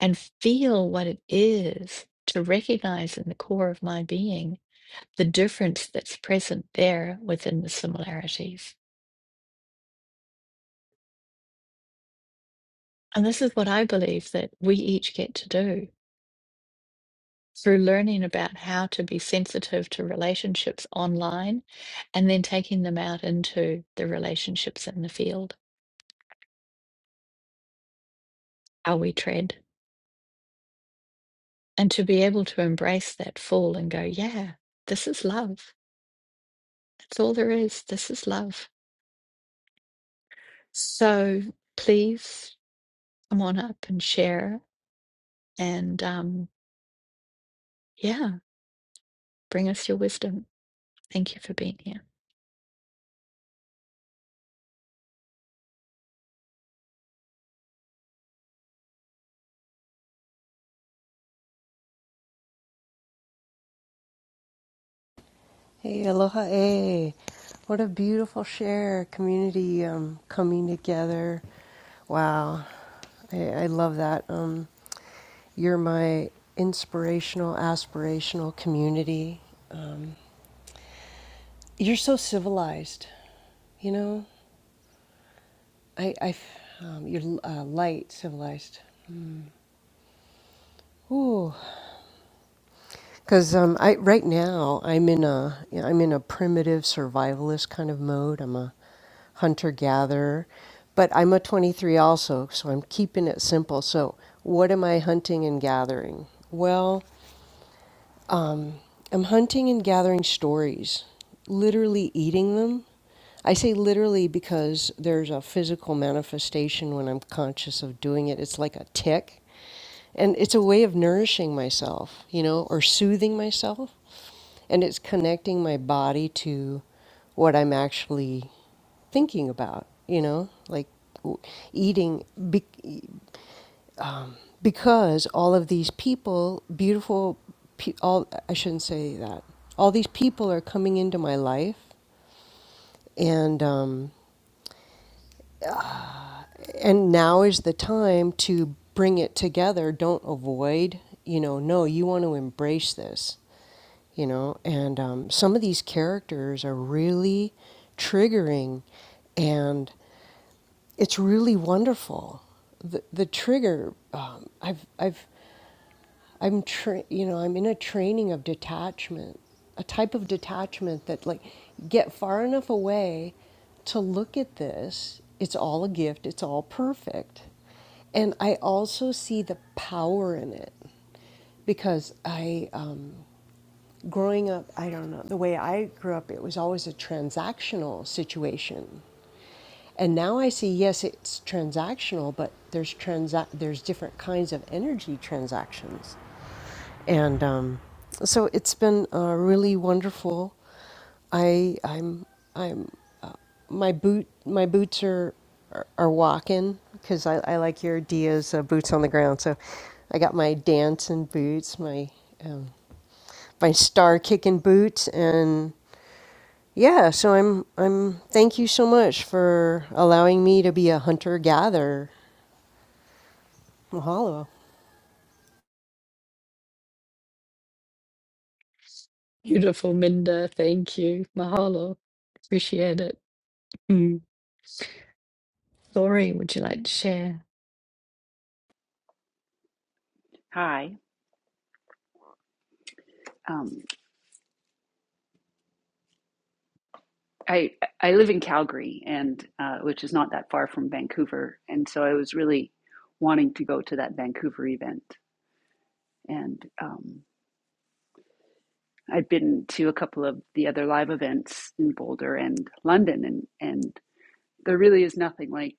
A: and feel what it is to recognize in the core of my being the difference that's present there within the similarities. And this is what I believe that we each get to do. through learning about how to be sensitive to relationships online and then taking them out into the relationships in the field, how we tread, and to be able to embrace that fall and go, yeah, this is love. That's all there is. This is love. So please come on up and share and, um, yeah, bring us your wisdom. Thank you for being here.
C: Hey, aloha. eh. What a beautiful share community um, coming together. Wow. I, I love that. Um, you're my inspirational, aspirational community. Um, you're so civilized, you know? I, I um, you're uh, light, civilized. Ooh. Because um, I right now I'm in a yeah, I'm in a primitive survivalist kind of mode. I'm a hunter gatherer, but I'm a 23 also, so I'm keeping it simple. So what am I hunting and gathering? Well, um, I'm hunting and gathering stories, literally eating them. I say literally because there's a physical manifestation when I'm conscious of doing it. It's like a tick. And it's a way of nourishing myself, you know, or soothing myself. And it's connecting my body to what I'm actually thinking about, you know, like w- eating because all of these people, beautiful, pe- all I shouldn't say that. All these people are coming into my life, and um, and now is the time to bring it together. Don't avoid. You know, no, you want to embrace this. You know, and um, some of these characters are really triggering, and it's really wonderful. The the trigger. Um, I've I've I'm tra- you know I'm in a training of detachment, a type of detachment that like get far enough away to look at this. It's all a gift. It's all perfect, and I also see the power in it because I. Um, growing up, I don't know, the way I grew up, it was always a transactional situation. And now I see, yes, it's transactional, but there's transa- there's different kinds of energy transactions. And um, so it's been uh, really wonderful. I I'm I'm uh, my boot my boots are are, are walking because I, I like your Dia's uh, boots on the ground. So I got my dancing boots, my um, my star kicking boots and yeah so i'm i'm thank you so much for allowing me to be a hunter gatherer mahalo
A: Beautiful, Minda. Thank you. Mahalo. Appreciate it. Mm. Lori, would you like to share?
D: Hi. Um, I I live in Calgary, and uh, which is not that far from Vancouver, and so I was really wanting to go to that Vancouver event, and um, i have been to a couple of the other live events in Boulder and London, and and there really is nothing like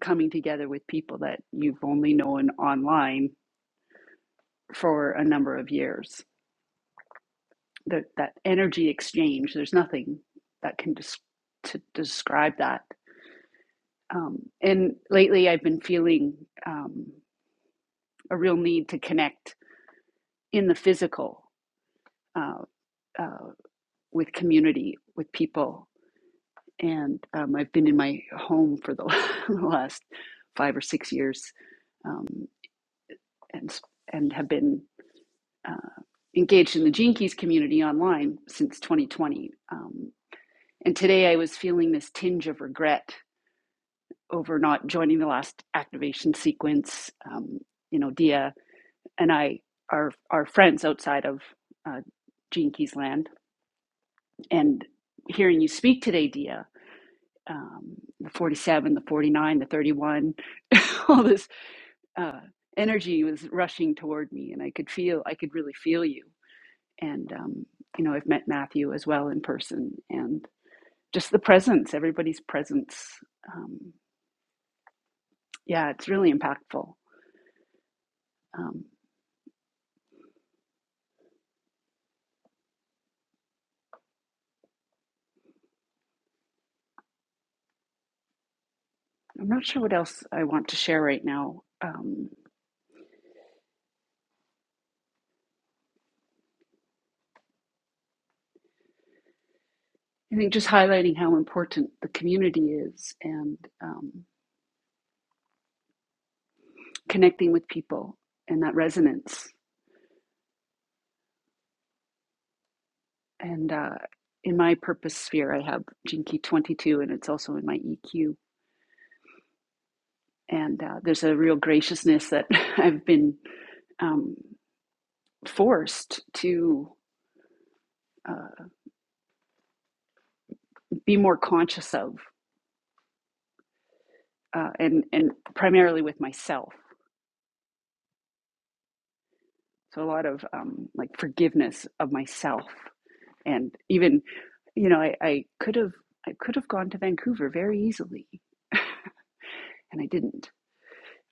D: coming together with people that you've only known online for a number of years. That that energy exchange, there's nothing that can des- to describe that Um, and lately, I've been feeling um, a real need to connect in the physical uh, uh, with community, with people. And um, I've been in my home for the last five or six years um, and, and have been uh, engaged in the Gene Keys community online since 2020. Um, and today I was feeling this tinge of regret over not joining the last activation sequence. Um, you know, Dia and I are are friends outside of uh, Gene Keys land. And hearing you speak today, Dia, um, the 47, the 49, the 31, all this uh, energy was rushing toward me, and I could feel, I could really feel you. And um, you know, I've met Matthew as well in person, and just the presence, everybody's presence. Um, yeah, it's really impactful. Um, I'm not sure what else I want to share right now. Um, I think just highlighting how important the community is and um, connecting with people and that resonance. And uh, in my purpose sphere, I have Jinky 22 and it's also in my EQ. And uh, there's a real graciousness that I've been um, forced to uh, be more conscious of, uh, and and primarily with myself. So a lot of um, like forgiveness of myself and even you know I, I could have I could have gone to Vancouver very easily and I didn't.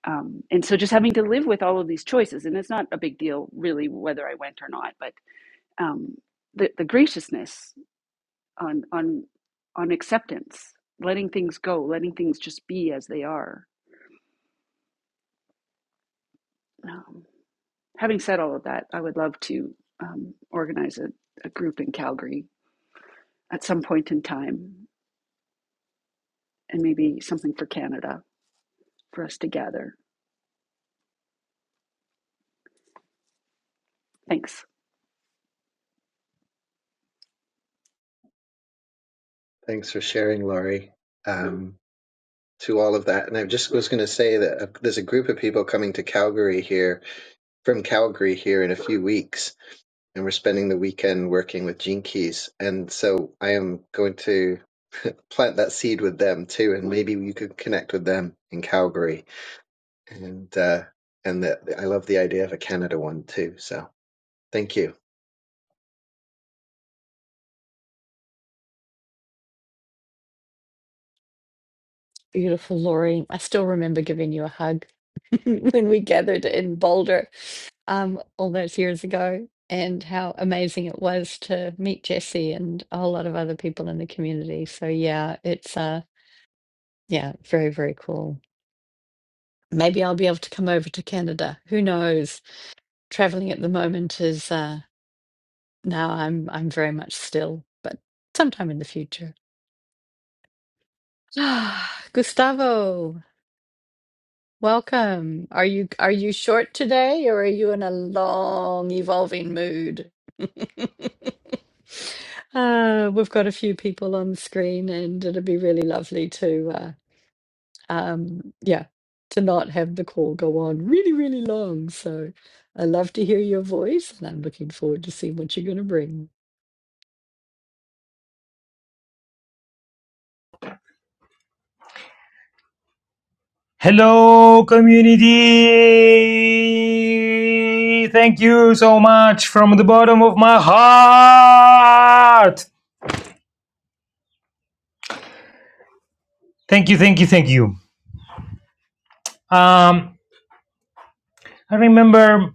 D: Um, and so just having to live with all of these choices, and it's not a big deal really whether I went or not, but um, the, the graciousness on on on acceptance, letting things go, letting things just be as they are. Um, having said all of that, I would love to um, organize a, a group in Calgary at some point in time, and maybe something for Canada for us to gather Thanks.
B: Thanks for sharing, Laurie. Um, to all of that, and I just was going to say that uh, there's a group of people coming to Calgary here from Calgary here in a few weeks, and we're spending the weekend working with Gene Keys. And so I am going to plant that seed with them too, and maybe you could connect with them in Calgary. And uh, and that I love the idea of a Canada one too. So thank you,
A: Beautiful, Lori. I still remember giving you a hug when we gathered in Boulder um, all those years ago, and how amazing it was to meet Jesse and a whole lot of other people in the community. So yeah, it's uh, yeah, very very cool. Maybe I'll be able to come over to Canada. Who knows? Traveling at the moment is uh, now I'm I'm very much still, but sometime in the future. Ah, Gustavo. Welcome. Are you are you short today or are you in a long evolving mood? Uh, we've got a few people on the screen and it'd be really lovely to uh, um yeah, to not have the call go on really, really long. So I love to hear your voice and I'm looking forward to seeing what you're going to bring.
E: Hello, community! Thank you so much from the bottom of my heart. Thank you, thank you, thank you. Um, I remember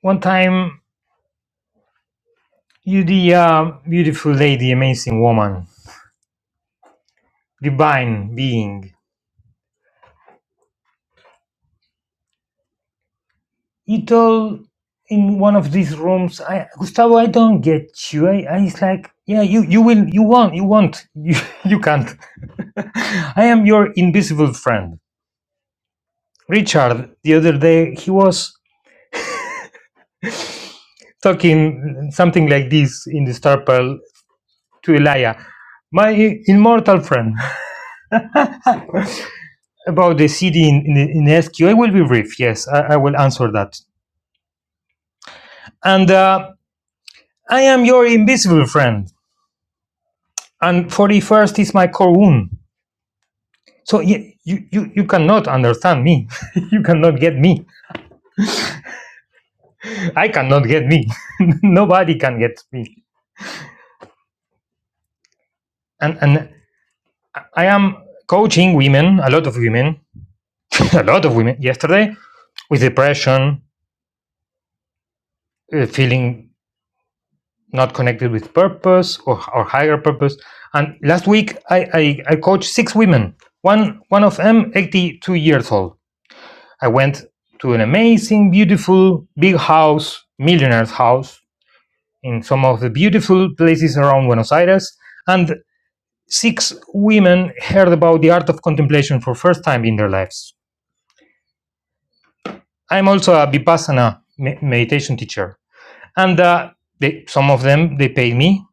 E: one time you, the uh, beautiful lady, amazing woman, divine being. You told in one of these rooms, I, Gustavo, I don't get you. I, I it's like, yeah, you, you will, you won't, you won't, you, you can't. I am your invisible friend Richard the other day. He was talking something like this in the Star Pearl to Elia, my immortal friend, about the city in, in, in SQ. I will be brief. Yes, I, I will answer that. And uh, I am your invisible friend. And 41st is my core wound. So you, you, you cannot understand me. you cannot get me. I cannot get me. Nobody can get me. And, and I am coaching women, a lot of women, a lot of women yesterday with depression, uh, feeling not connected with purpose or, or higher purpose. And last week, I, I, I coached six women, one, one of them 82 years old. I went to an amazing, beautiful, big house, millionaire's house in some of the beautiful places around Buenos Aires. And six women heard about the art of contemplation for the first time in their lives. I'm also a Vipassana me- meditation teacher. And uh, they, some of them, they paid me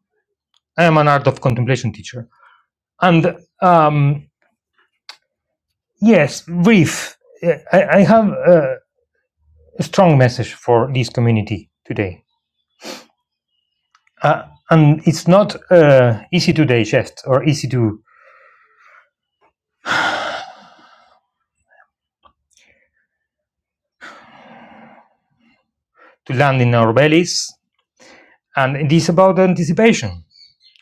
E: I am an art of contemplation teacher. And um, yes, brief. Uh, I, I have uh, a strong message for this community today. Uh, and it's not uh, easy to digest or easy to, to land in our bellies. And it is about anticipation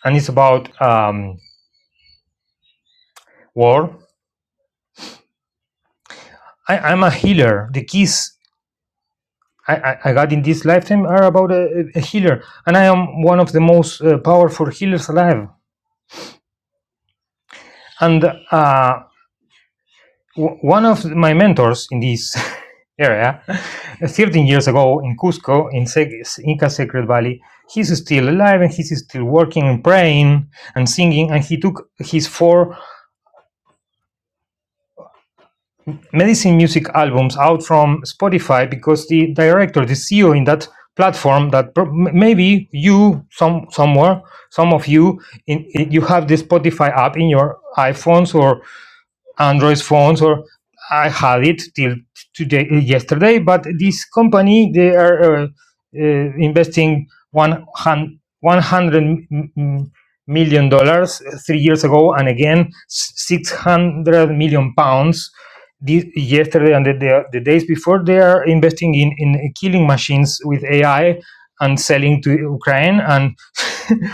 E: and it's about um, war. I, I'm a healer. The keys I, I, I got in this lifetime are about a, a healer. And I am one of the most uh, powerful healers alive. And uh, W- One of my mentors in this area, 13 years ago in Cusco, in Sec- Inca Sacred Valley, he's still alive and he's still working and praying and singing. And he took his four medicine music albums out from Spotify because the director, the CEO in that platform, that pro- m- maybe you, some somewhere, some of you, in, in- you have the Spotify app in your iPhones or Android phones, or I had it till today, uh, yesterday. But this company, they are uh, uh, investing one hundred million dollars uh, three years ago, and again six hundred million pounds. This, yesterday and the, the, the days before, they are investing in, in killing machines with AI and selling to Ukraine. And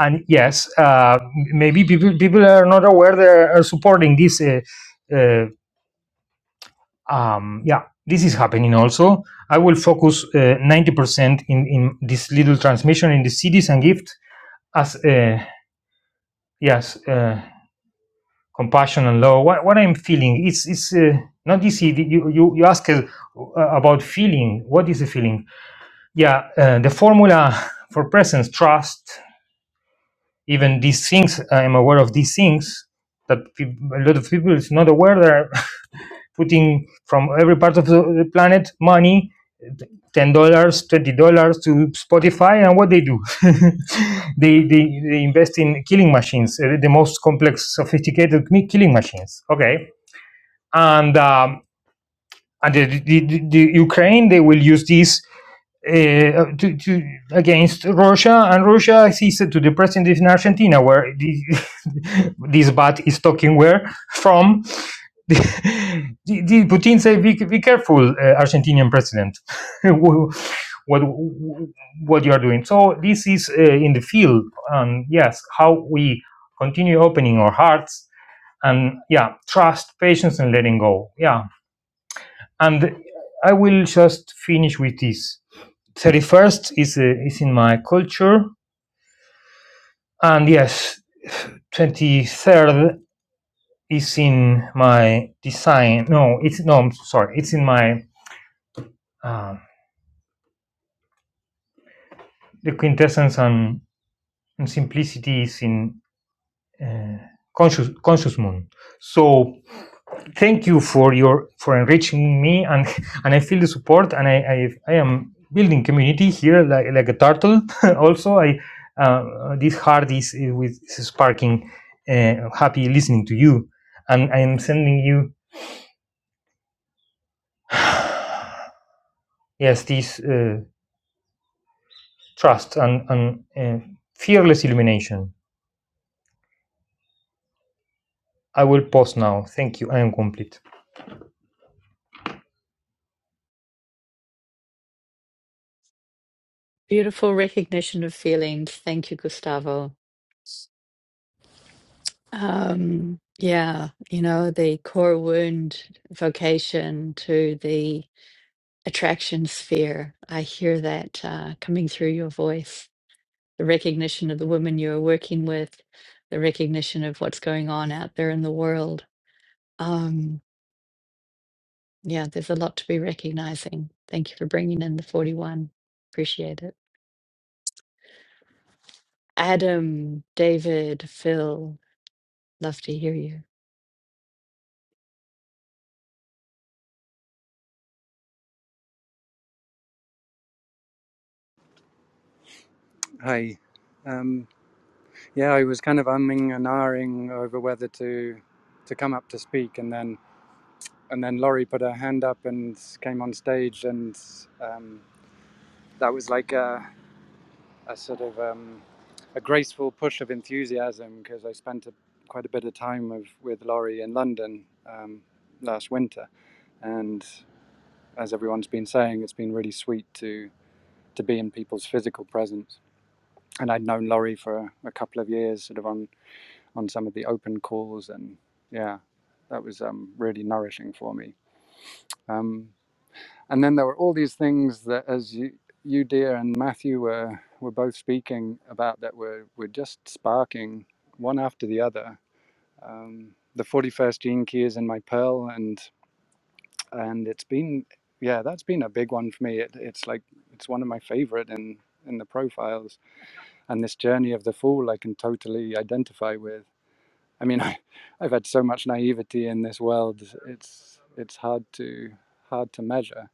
E: and yes, uh, maybe people people are not aware they are supporting this. Uh, uh, um, yeah, this is happening also. I will focus uh, ninety percent in in this little transmission in the cities and gift as uh, yes, uh, compassion and love. What what I'm feeling it's it's uh, not easy. You you you ask uh, about feeling. What is the feeling? Yeah, uh, the formula for presence, trust, even these things. I'm aware of these things that a lot of people is not aware. There, putting from every part of the planet money ten dollars twenty dollars to spotify and what they do they, they they invest in killing machines uh, the most complex sophisticated mi- killing machines okay and um, and the, the, the the Ukraine they will use this uh, to, to against Russia, and Russia sees it to the president in Argentina, where the, this bat is talking where from. The, the, Putin say, "Be, be careful, uh, Argentinian president, what what you are doing." So this is uh, in the field, and um, yes, how we continue opening our hearts and yeah, trust, patience, and letting go. Yeah, and I will just finish with this. 31st is, uh, is in my culture, and yes, 23rd is in my design. No, it's no, I'm sorry, it's in my uh, the quintessence and, and simplicity is in uh, conscious conscious moon. So thank you for your for enriching me and and i feel the support and i i, I am building community here like, like a turtle also i uh, this heart is is with is sparking uh, happy listening to you and i am sending you yes this uh, trust and and uh, fearless illumination i will pause now thank you i am complete
A: Beautiful recognition of feelings. Thank you, Gustavo. Um, yeah, you know, the core wound vocation to the attraction sphere. I hear that uh, coming through your voice, the recognition of the woman you're working with, the recognition of what's going on out there in the world. Um, yeah, there's a lot to be recognizing. Thank you for bringing in the 41. Appreciate it. Adam, David, Phil, love to hear you.
F: Hi. Um, yeah, I was kind of umming and ahhing over whether to to come up to speak, and then and then Laurie put her hand up and came on stage, and um, that was like a, a sort of um, a graceful push of enthusiasm because I spent a, quite a bit of time of, with Laurie in London um, last winter, and as everyone's been saying, it's been really sweet to to be in people's physical presence. And I'd known Laurie for a, a couple of years, sort of on on some of the open calls, and yeah, that was um, really nourishing for me. Um, and then there were all these things that, as you, you dear and Matthew were were both speaking about, that were were just sparking one after the other. Um, the forty first gene key is in my pearl, and and it's been yeah, that's been a big one for me. It, it's like it's one of my favorite in in the profiles, and this journey of the fool I can totally identify with I mean, I, I've had so much naivety in this world. It's it's hard to hard to measure.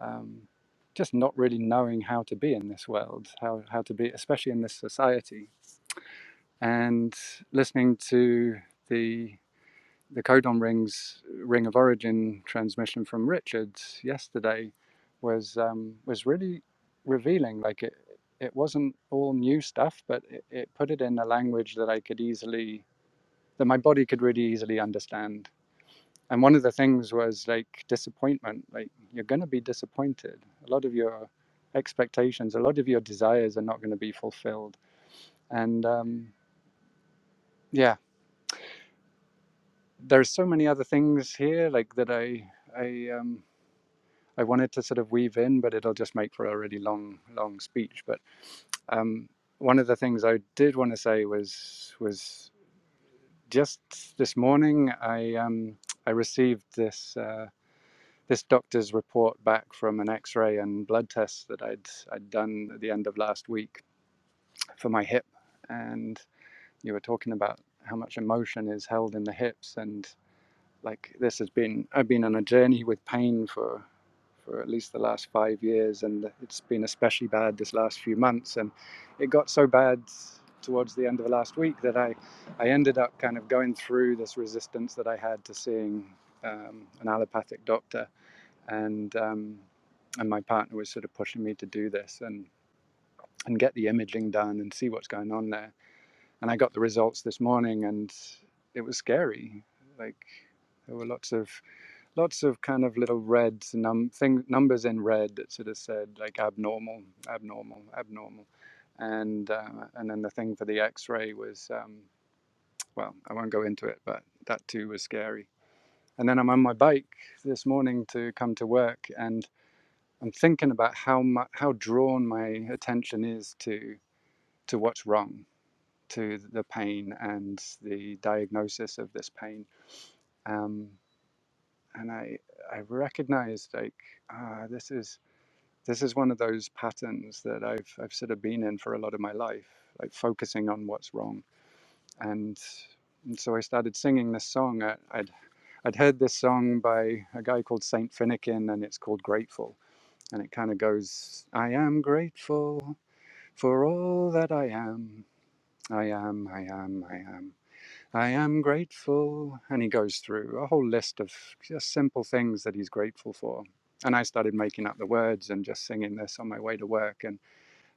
F: Um, just not really knowing how to be in this world, how how to be, especially in this society. And listening to the the codon rings ring of origin transmission from Richard yesterday was um, was really revealing. Like it it wasn't all new stuff, but it, it put it in a language that I could easily that my body could really easily understand. And one of the things was like disappointment. Like you're going to be disappointed. A lot of your expectations, a lot of your desires are not going to be fulfilled. And um, yeah, there are so many other things here like that I I um, I wanted to sort of weave in, but it'll just make for a really long long speech. But um, one of the things I did want to say was was just this morning I um, I received this. Uh, this doctor's report back from an x-ray and blood test that I'd I'd done at the end of last week for my hip and you were talking about how much emotion is held in the hips and like this has been I've been on a journey with pain for for at least the last 5 years and it's been especially bad this last few months and it got so bad towards the end of last week that I I ended up kind of going through this resistance that I had to seeing um, an allopathic doctor and um, and my partner was sort of pushing me to do this and and get the imaging done and see what's going on there. And I got the results this morning, and it was scary. Like there were lots of lots of kind of little reds num thing numbers in red that sort of said like abnormal, abnormal, abnormal, and uh, and then the thing for the X-ray was um, well, I won't go into it, but that too was scary. And then I'm on my bike this morning to come to work, and I'm thinking about how my, how drawn my attention is to to what's wrong, to the pain and the diagnosis of this pain. Um, and I I recognize like ah, this is this is one of those patterns that I've I've sort of been in for a lot of my life, like focusing on what's wrong. And, and so I started singing this song. I, I'd I'd heard this song by a guy called Saint Finnegan, and it's called Grateful. And it kind of goes, I am grateful For all that I am, I am, I am, I am, I am grateful. And he goes through a whole list of just simple things that he's grateful for. And I started making up the words and just singing this on my way to work and,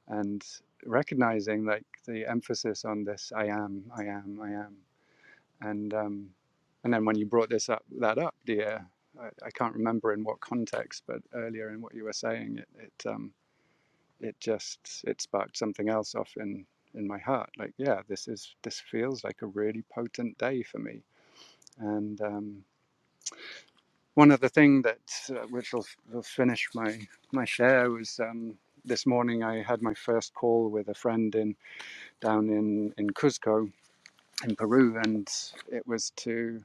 F: and recognizing like the emphasis on this I am, I am, I am. And, um, and then when you brought this up, that up, dear, I, I can't remember in what context, but earlier in what you were saying, it, it um, it just it sparked something else off in in my heart. Like, yeah, this is this feels like a really potent day for me. And um, one other thing that uh, which will, will finish my my share was um, this morning I had my first call with a friend in down in in Cuzco in Peru, and it was to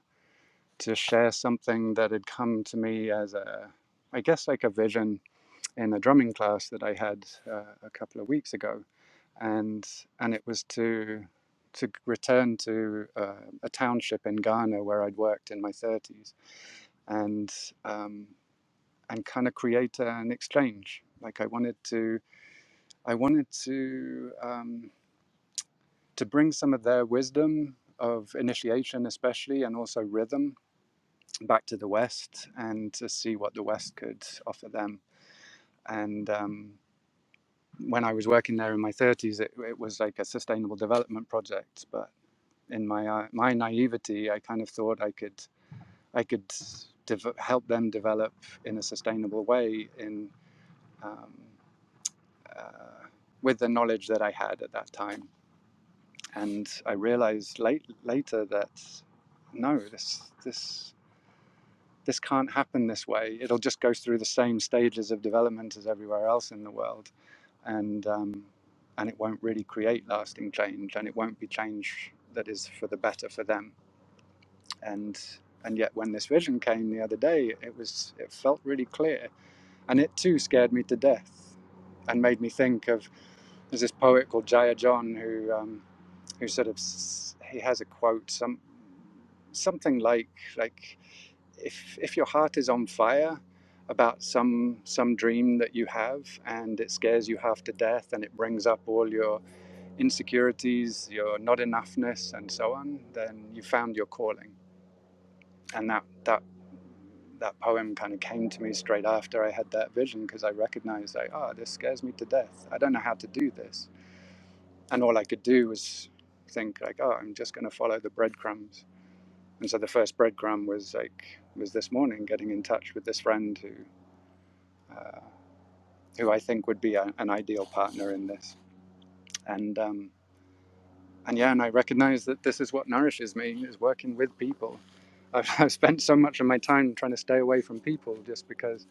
F: to share something that had come to me as a I guess like a vision in a drumming class that I had uh, a couple of weeks ago, and and it was to to return to uh, a township in Ghana where I'd worked in my 30s, and um, and kind of create an exchange. Like I wanted to, I wanted to um, to bring some of their wisdom of initiation, especially, and also rhythm, back to the West, and to see what the West could offer them. And um, when I was working there in my 30s, it, it was like a sustainable development project. But in my uh, my naivety, I kind of thought I could I could dev- help them develop in a sustainable way in um, uh, with the knowledge that I had at that time. And I realized late, later that no, this this this can't happen this way. It'll just go through the same stages of development as everywhere else in the world, and um, and it won't really create lasting change, and it won't be change that is for the better for them. And and yet, when this vision came the other day, it was it felt really clear, and it too scared me to death, and made me think of there's this poet called Jaya John who um, who sort of he has a quote some something like like if if your heart is on fire about some some dream that you have and it scares you half to death and it brings up all your insecurities, your not enoughness and so on, then you found your calling. And that that that poem kind of came to me straight after I had that vision because I recognized like, oh, this scares me to death. I don't know how to do this. And all I could do was think like, oh, I'm just going to follow the breadcrumbs and so the first breadcrumb was like was this morning getting in touch with this friend who uh, who I think would be a, an ideal partner in this. And um, and yeah, and I recognize that this is what nourishes me is working with people. I've, I've spent so much of my time trying to stay away from people just because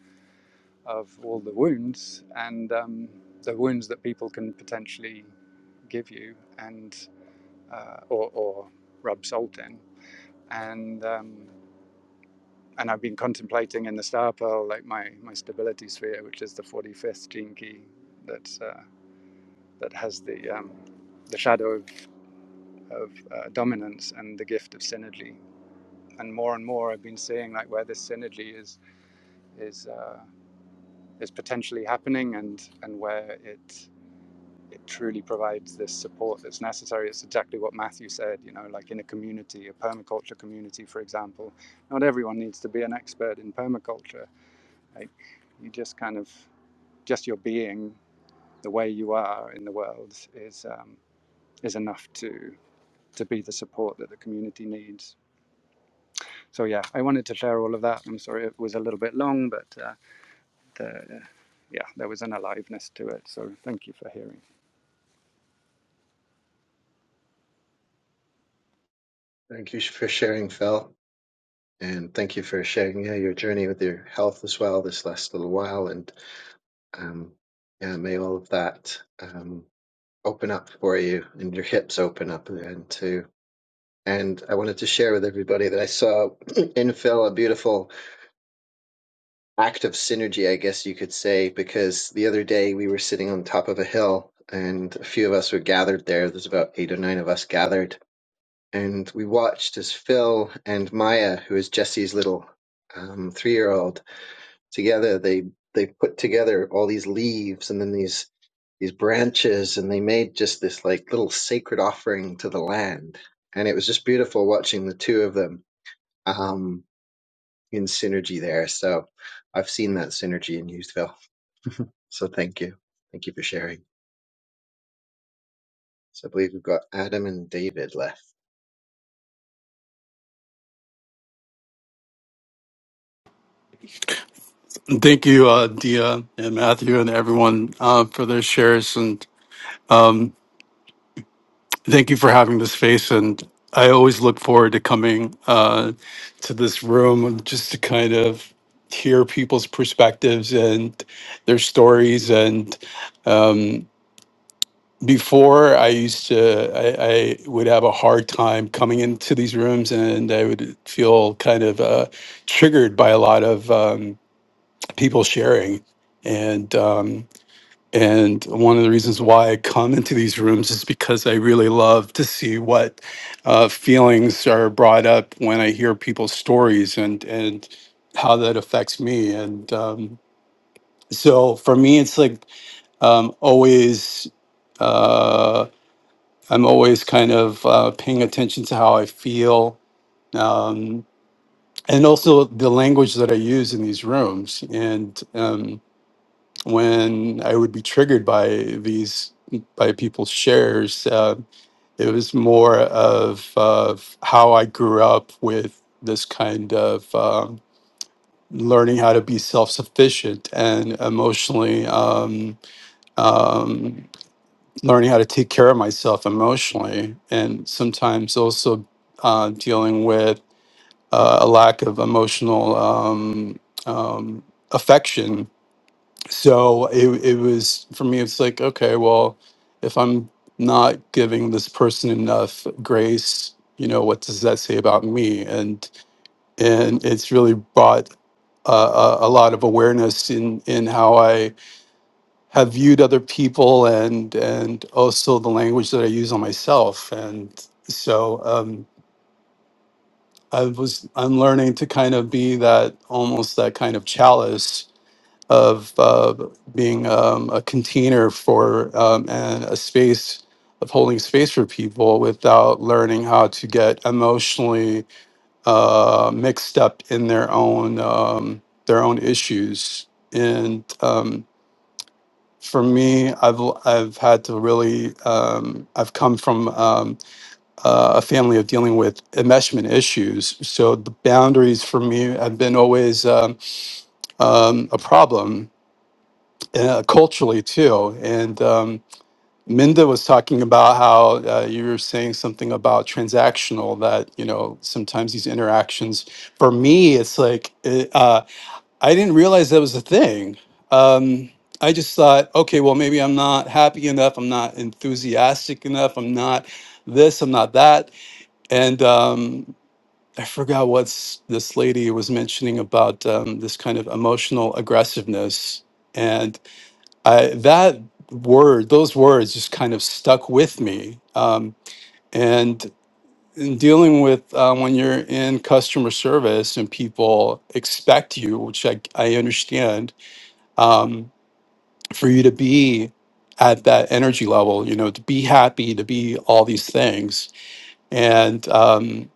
F: of all the wounds and um, the wounds that people can potentially give you and uh, or, or rub salt in. And um, and I've been contemplating in the star pearl like my, my stability sphere, which is the 45th gene key that uh, that has the um, the shadow of, of uh, dominance and the gift of synergy. And more and more, I've been seeing like where this synergy is is uh, is potentially happening, and and where it it truly provides this support that's necessary. It's exactly what Matthew said, you know, like in a community, a permaculture community, for example. Not everyone needs to be an expert in permaculture, Like you just kind of just your being, the way you are in the world is um, is enough to to be the support that the community needs. So yeah, I wanted to share all of that. I'm sorry it was a little bit long, but uh, the, yeah, there was an aliveness to it. So thank you for hearing.
B: thank you for sharing, Phil, and thank you for sharing yeah, your journey with your health as well this last little while. And um, yeah, may all of that um, open up for you, and your hips open up, and to and I wanted to share with everybody that I saw in Phil a beautiful act of synergy, I guess you could say, because the other day we were sitting on top of a hill and a few of us were gathered there. There's about eight or nine of us gathered, and we watched as Phil and Maya, who is Jesse's little um, three-year-old, together they they put together all these leaves and then these these branches and they made just this like little sacred offering to the land and it was just beautiful watching the two of them um, in synergy there. So I've seen that synergy in Youthville. So thank you. Thank you for sharing. So I believe we've got Adam and David left.
G: Thank you, uh, Dia and Matthew and everyone uh, for their shares. And thank you for having this space. And I always look forward to coming uh, to this room just to kind of hear people's perspectives and their stories. And um, before I used to, I, I would have a hard time coming into these rooms and I would feel kind of uh, triggered by a lot of um, people sharing. And um, And one of the reasons why I come into these rooms is because I really love to see what uh, feelings are brought up when I hear people's stories and and how that affects me. And um, so for me, it's like um, always uh, I'm always kind of uh, paying attention to how I feel. Um, and also the language that I use in these rooms, and um, when I would be triggered by these by people's shares. Uh, it was more of, of how I grew up with this kind of um, learning how to be self sufficient and emotionally um, um, learning how to take care of myself emotionally, and sometimes also uh, dealing with uh, a lack of emotional um, um, affection so it, it was for me it's like okay well if i'm not giving this person enough grace you know what does that say about me and and it's really brought a, a, a lot of awareness in in how i have viewed other people and and also the language that i use on myself and so um i was i'm learning to kind of be that almost that kind of chalice of uh, being um, a container for um, and a space of holding space for people without learning how to get emotionally uh, mixed up in their own um, their own issues. And um, for me, I've i I've had to really um, I've come from um, uh, a family of dealing with enmeshment issues, so the boundaries for me have been always um, um, a problem uh, culturally too. And um, Minda was talking about how uh, you were saying something about transactional that you know sometimes these interactions. For me, it's like it, uh, I didn't realize that was a thing. Um, I just thought, okay, well maybe I'm not happy enough. I'm not enthusiastic enough. I'm not this. I'm not that. And um, I forgot what this lady was mentioning about um, this kind of emotional aggressiveness I, that word, those words just kind of stuck with me. Um, and in dealing with uh, when you're in customer service and people expect you, which I, I understand, um, for you to be at that energy level, you know, to be happy, to be all these things. And um,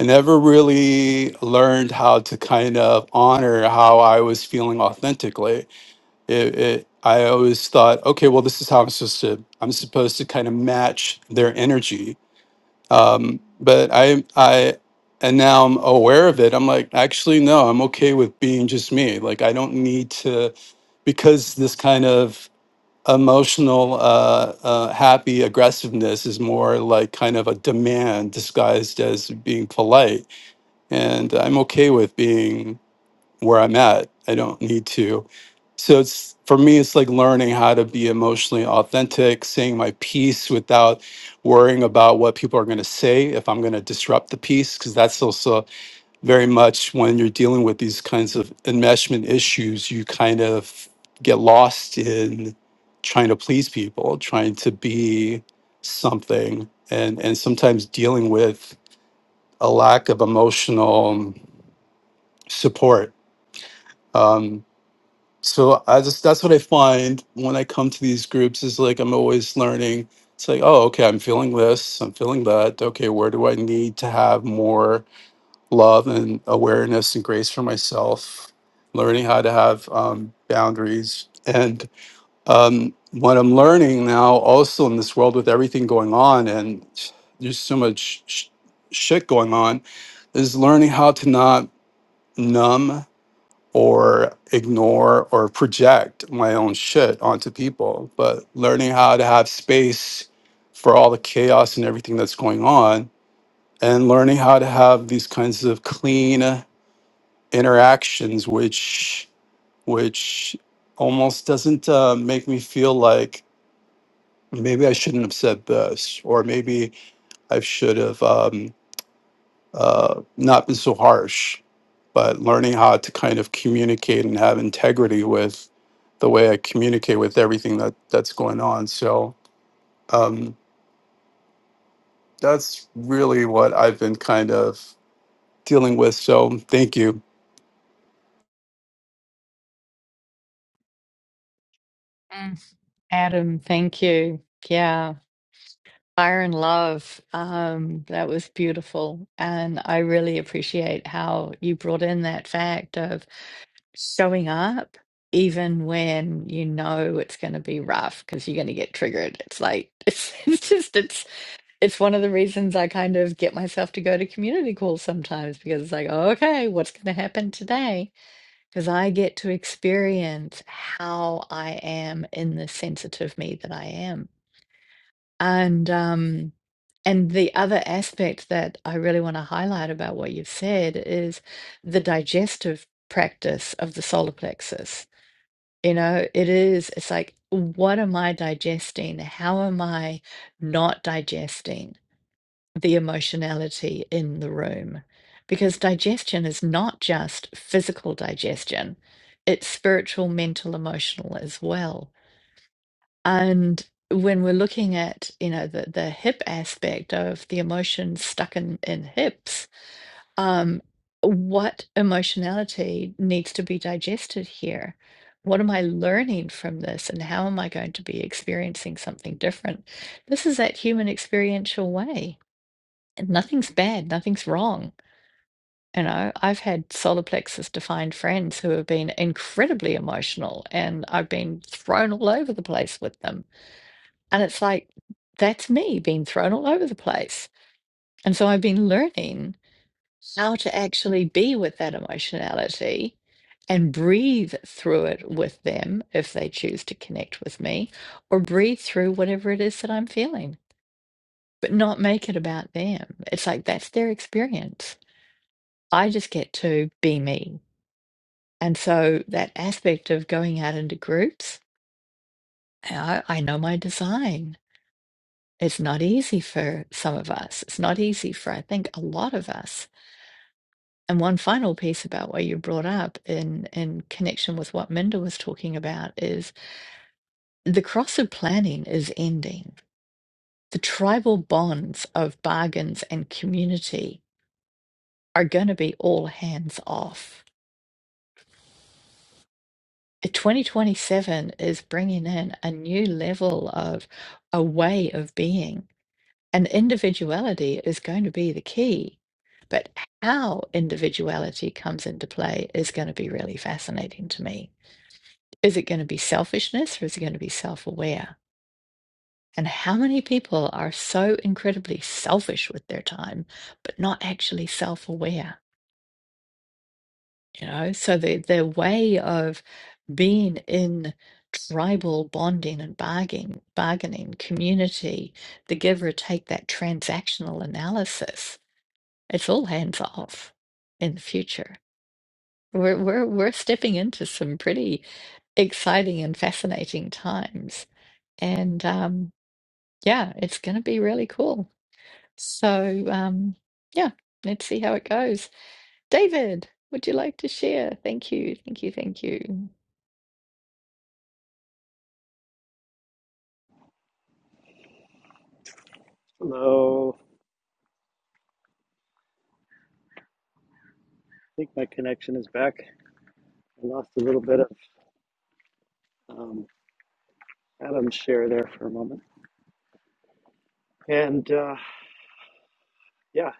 G: I never really learned how to kind of honor how I was feeling authentically it, it I always thought, okay, well, this is how I'm supposed to I'm supposed to kind of match their energy. Um, but I I and now I'm aware of it. I'm like, actually, no, I'm okay with being just me. Like I don't need to because this kind of emotional uh, uh, happy aggressiveness is more like kind of a demand disguised as being polite and i'm okay with being where I'm at. I don't need to. So it's for me, it's like learning how to be emotionally authentic, saying my piece without worrying about what people are going to say if I'm going to disrupt the piece, because that's also very much when you're dealing with these kinds of enmeshment issues, you kind of get lost in trying to please people, trying to be something, and and sometimes dealing with a lack of emotional support um, so I just that's what I find when I come to these groups is like I'm always learning. It's like, oh, okay, I'm feeling this, I'm feeling that. Okay, where do I need to have more love and awareness and grace for myself? Learning how to have um, boundaries. And um, what I'm learning now, also in this world with everything going on, and there's so much sh- shit going on, is learning how to not numb or ignore or project my own shit onto people, but learning how to have space for all the chaos and everything that's going on, and learning how to have these kinds of clean interactions, which which almost doesn't uh, make me feel like maybe I shouldn't have said this, or maybe I should have. Um, uh, not been so harsh, but learning how to kind of communicate and have integrity with the way I communicate with everything that that's going on. So um, that's really what I've been kind of dealing with. So thank you.
A: Mm. Adam, thank you. Yeah. Fire and love. Um, that was beautiful. And I really appreciate how you brought in that fact of showing up even when you know it's going to be rough because you're going to get triggered. It's like, it's, it's just, it's, it's one of the reasons I kind of get myself to go to community calls sometimes because it's like, okay, what's going to happen today? Because I get to experience how I am in the sensitive me that I am and, um, and the other aspect that I really want to highlight about what you've said is the digestive practice of the solar plexus. You know, it is, it's like, what am I digesting? How am I not digesting the emotionality in the room? Because digestion is not just physical digestion, it's spiritual, mental, emotional as well. And when we're looking at, you know, the the hip aspect of the emotion stuck in in hips, um, what emotionality needs to be digested here? What am I learning from this, and how am I going to be experiencing something different? This is that human experiential way, and nothing's bad, nothing's wrong. You know, I've had solar plexus defined friends who have been incredibly emotional, and I've been thrown all over the place with them and it's like, that's me being thrown all over the place. And so I've been learning how to actually be with that emotionality and breathe through it with them if they choose to connect with me or breathe through whatever it is that I'm feeling, but not make it about them. It's like that's their experience. I just get to be me. And so that aspect of going out into groups, I, I know my design. It's not easy for some of us. It's not easy for, I think, a lot of us. And one final piece about what you brought up in, in connection with what Minda was talking about is the cross of planning is ending. The tribal bonds of bargains and community are going to be all hands off. 2027 is bringing in a new level of a way of being And individuality is going to be the key. But how individuality comes into play is going to be really fascinating to me. Is it going to be selfishness or is it going to be self aware? And how many people are so incredibly selfish with their time, but not actually self aware? You know, so the, their way of being in tribal bonding and bargaining, bargaining, community, the give or take that transactional analysis it will involve in the future. We're we're we're stepping into some pretty exciting and fascinating times, and um, yeah, it's going to be really cool. So um, yeah, let's see how it goes. David, would you like to share? Thank you, thank you, thank you.
H: Hello. I think my connection is back. I lost a little bit of um, Adam's share there for a moment. And uh, yeah,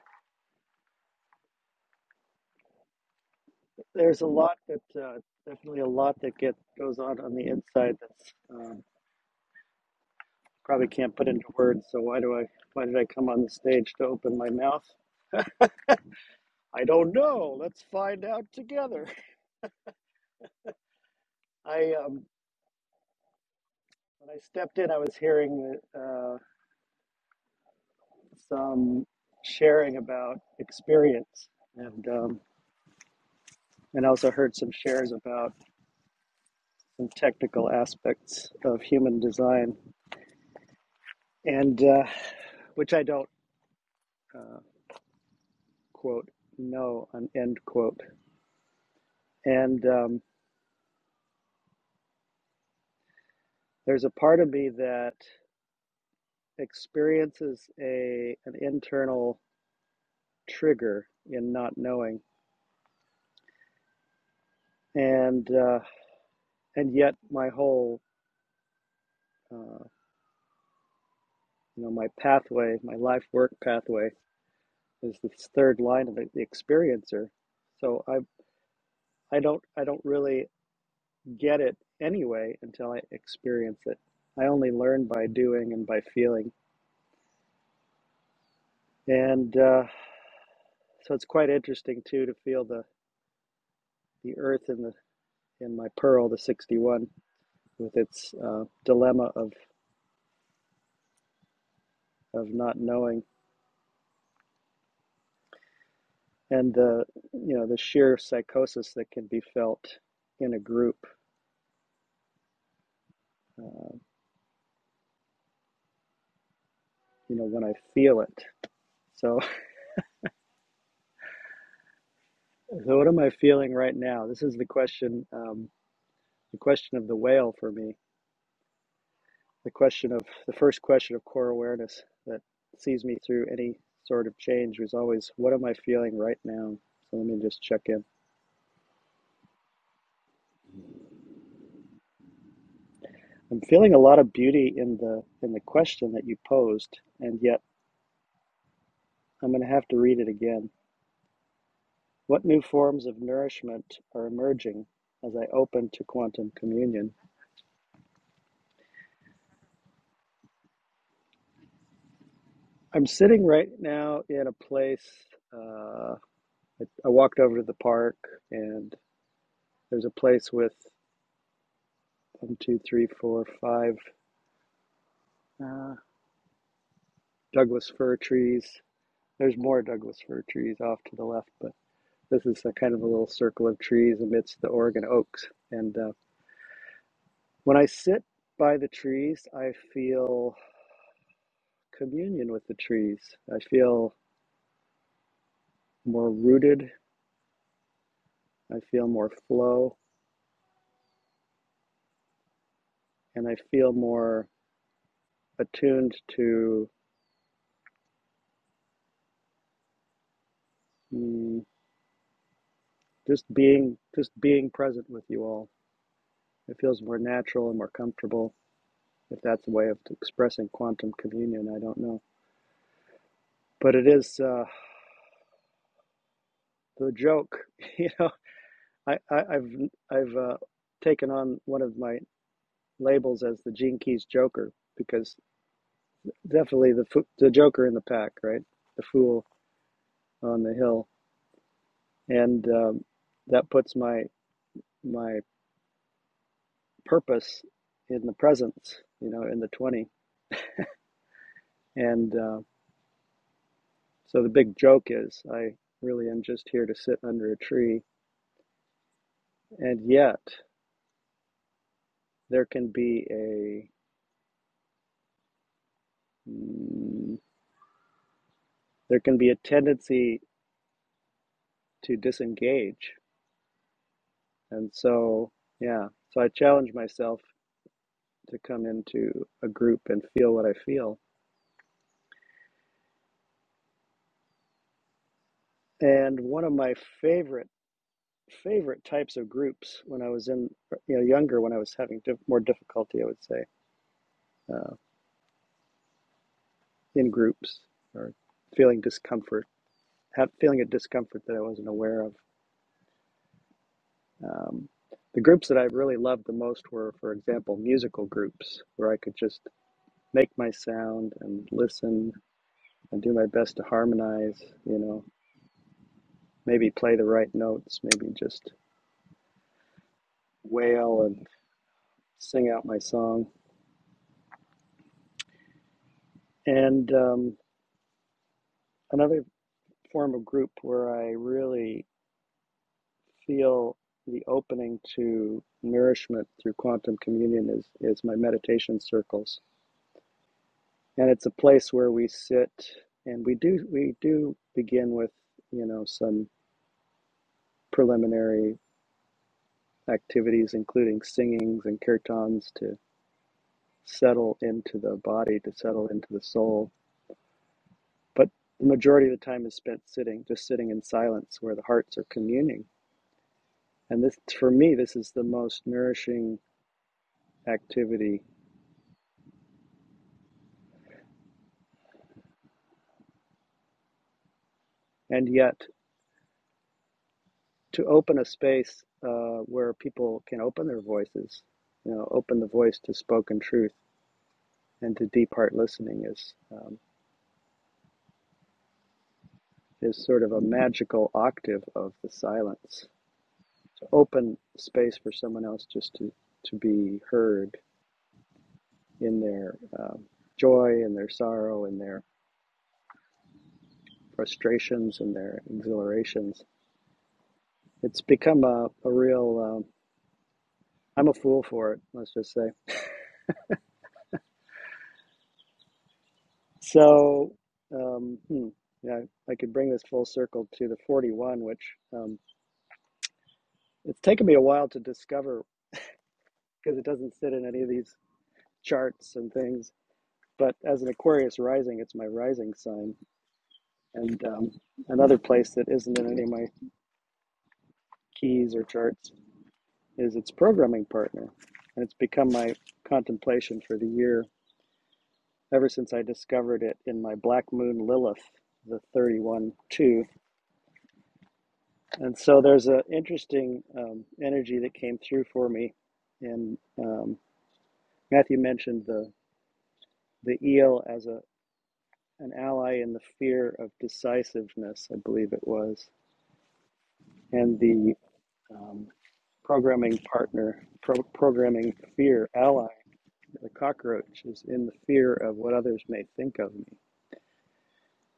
H: there's a lot that uh, definitely a lot that get goes on on the inside that's um, probably can't put into words. So why do I why did I come on the stage to open my mouth? I don't know. Let's find out together. I um, when I stepped in, I was hearing uh, some sharing about experience and. Um, and also heard some shares about some technical aspects of human design, and uh, which I don't uh, quote know an end quote. And um, there's a part of me that experiences a an internal trigger in not knowing, and uh, and yet my whole uh, you know my pathway, my life work pathway is this third line of it, the experiencer. So I I don't I don't really get it anyway until I experience it. I only learn by doing and by feeling. And uh, so it's quite interesting too to feel the, the earth in the in my pearl, the 61, with its uh, dilemma of, of not knowing and the you know the sheer psychosis that can be felt in a group, uh, you know, when I feel it. So, so what am I feeling right now? This is the question, um, the question of the whale for me the question of the first question of core awareness that sees me through any sort of change was always what am i feeling right now so let me just check in i'm feeling a lot of beauty in the in the question that you posed and yet i'm going to have to read it again what new forms of nourishment are emerging as i open to quantum communion i'm sitting right now in a place uh, I, I walked over to the park and there's a place with one two three four five uh, Douglas fir trees. There's more Douglas fir trees off to the left, but this is a kind of a little circle of trees amidst the Oregon oaks. And uh, when I sit by the trees, I feel communion with the trees. I feel more rooted. I feel more flow, and I feel more attuned to mm, just being just being present with you all. It feels more natural and more comfortable. If that's a way of expressing quantum communion, I don't know. But it is. Uh, the joke. You know, I, I, I've I've uh, taken on one of my labels as the Gene Keys Joker because definitely the the Joker in the pack, right? The fool on the hill, and um, that puts my my purpose in the presence, you know, in the twenty. And uh, so the big joke is, I really am just here to sit under a tree, and yet there can be a mm, there can be a tendency to disengage. And so, yeah, so I challenge myself to come into a group and feel what I feel. And one of my favorite favorite types of groups when I was in you know younger when I was having dif- more difficulty, I would say, uh, in groups or feeling discomfort, have, feeling a discomfort that I wasn't aware of. Um, the groups that I really loved the most were, for example, musical groups where I could just make my sound and listen I do my best to harmonize, you know, maybe play the right notes, maybe just wail and sing out my song. And um, another form of group where I really feel the opening to nourishment through quantum communion is, is my meditation circles. And it's a place where we sit and we do we do begin with, you know, some preliminary activities including singings and kirtans to. settle into the body, to settle into the soul. But the majority of the time is spent sitting, just sitting in silence where the hearts are communing. And this, for me, this is the most nourishing activity. And yet, to open a space uh, where people can open their voices, you know, open the voice to spoken truth and to deep heart listening is um, is sort of a magical octave of the silence. To open space for someone else just to to be heard in their um joy and their sorrow in their frustrations and their exhilarations. It's become a, a real, um, I'm a fool for it, let's just say. So, um, hmm, yeah, I could bring this full circle to the 41, which um, it's taken me a while to discover because it doesn't sit in any of these charts and things. But as an Aquarius rising, it's my rising sign and um, another place that isn't in any of my keys or charts. is its programming partner. And it's become my contemplation for the year ever since I discovered it in my Black Moon Lilith, the 31 2. And so there's an interesting um, energy that came through for me. And um, Matthew mentioned the, the eel as a, an ally in the fear of decisiveness, I believe it was, and the um, programming partner, pro- programming fear ally The cockroach is in the fear of what others may think of me.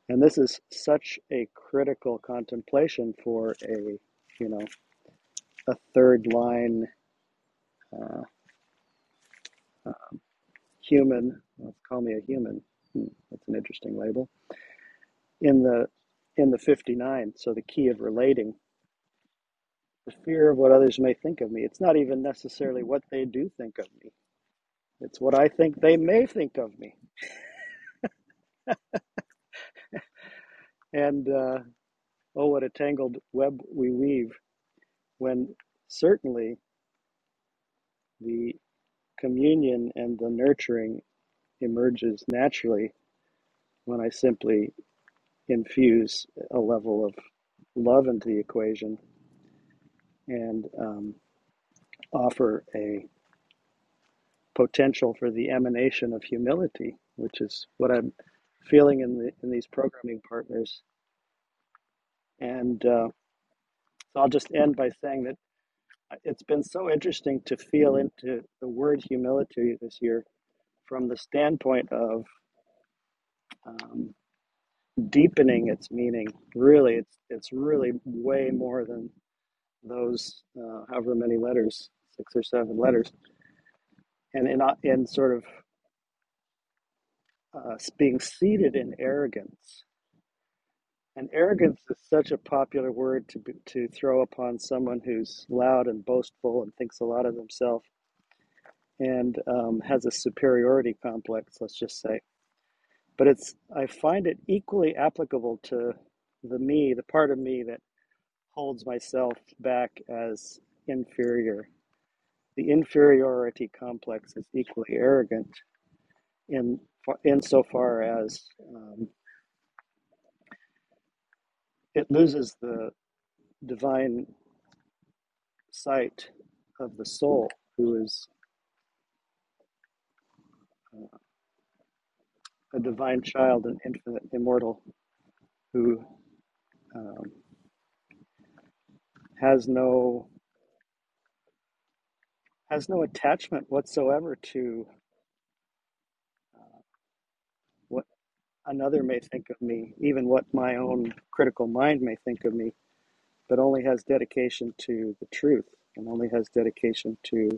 H: And this is such a critical contemplation for a, you know, a third line uh, human. Let's call me a human. Hmm, that's an interesting label. In the in the 59, so the key of relating, the fear of what others may think of me. It's not even necessarily what they do think of me. It's what I think they may think of me. And uh, oh, what a tangled web we weave when certainly the Communion and the nurturing emerges naturally when I simply infuse a level of love into the equation and um, offer a potential for the emanation of humility, which is what I'm feeling in the in these programming partners. And uh, so I'll just end by saying that it's been so interesting to feel into the word humility this year from the standpoint of um, deepening its meaning. Really, it's it's really way more than those uh, however many letters, six or seven letters, and in in sort of uh, being seated in arrogance. And arrogance is such a popular word to be, to throw upon someone who's loud and boastful and thinks a lot of themselves and um, has a superiority complex. Let's just say, but it's I find it equally applicable to the me, the part of me that holds myself back as inferior. The inferiority complex is equally arrogant in insofar as um, it loses the divine sight of the soul, who is a divine child and infinite immortal, who um, has no has no attachment whatsoever to what another may think of me, even what my own critical mind may think of me but only has dedication to the truth and only has dedication to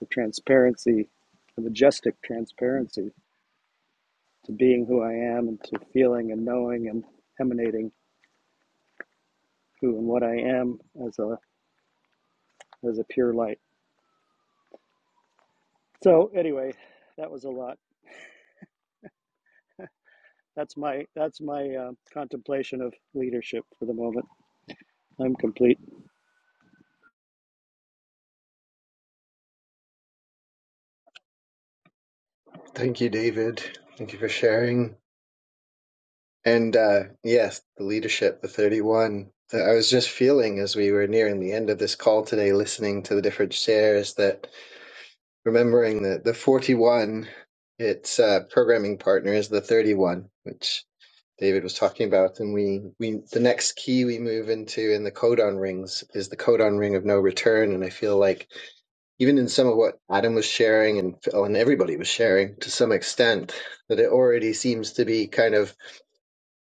H: the transparency, the majestic transparency to being who I am and to feeling and knowing and emanating who and what I am as a as a pure light. So anyway, that was a lot. That's my that's my uh, contemplation of leadership for the moment. I'm complete.
B: Thank you, David. Thank you for sharing. And uh, yes, the leadership, the 31 that I was just feeling as we were nearing the end of this call today, listening to the different shares, that remembering that the 41, its uh, programming partner is the 31, which. David was talking about, and we, we the next key we move into in the codon rings is the codon ring of no return. And I feel like even in some of what Adam was sharing and Phil and everybody was sharing to some extent, that it already seems to be kind of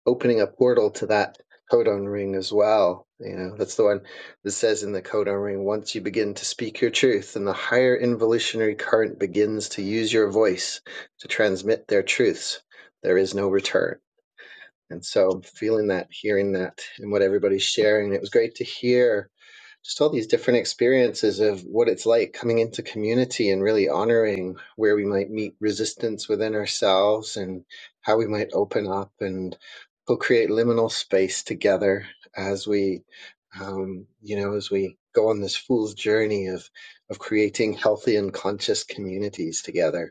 B: opening a portal to that codon ring as well. You know, that's the one that says in the codon ring, once you begin to speak your truth, and the higher involutionary current begins to use your voice to transmit their truths, there is no return. And so feeling that, hearing that, and what everybody's sharing, it was great to hear just all these different experiences of what it's like coming into community and really honoring where we might meet resistance within ourselves and how we might open up and co-create liminal space together as we um, you know as we go on this fool's journey of of creating healthy and conscious communities together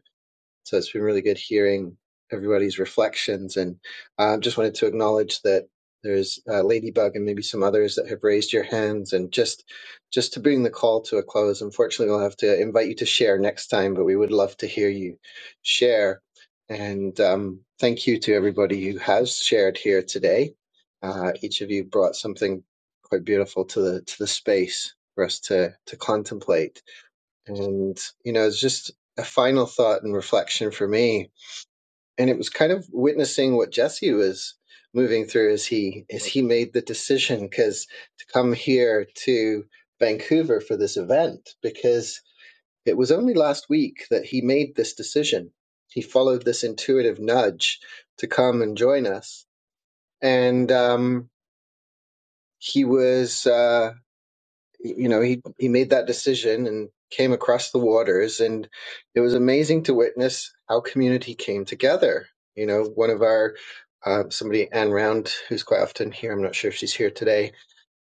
B: so it's been really good hearing everybody's reflections, and um, just wanted to acknowledge that there's uh, Ladybug and maybe some others that have raised your hands, and just just to bring the call to a close. Unfortunately, we'll have to invite you to share next time, but we would love to hear you share. And um, thank you to everybody who has shared here today. Uh, each of you brought something quite beautiful to the to the space for us to to contemplate and, you know, it's just a final thought and reflection for me. And it was kind of witnessing what Jesse was moving through as he as he made the decision because to come here to Vancouver for this event, because it was only last week that he made this decision. He followed this intuitive nudge to come and join us. And um, he was uh, you know he he made that decision and came across the waters and it was amazing to witness how community came together you know one of our uh, somebody anne round who's quite often here i'm not sure if she's here today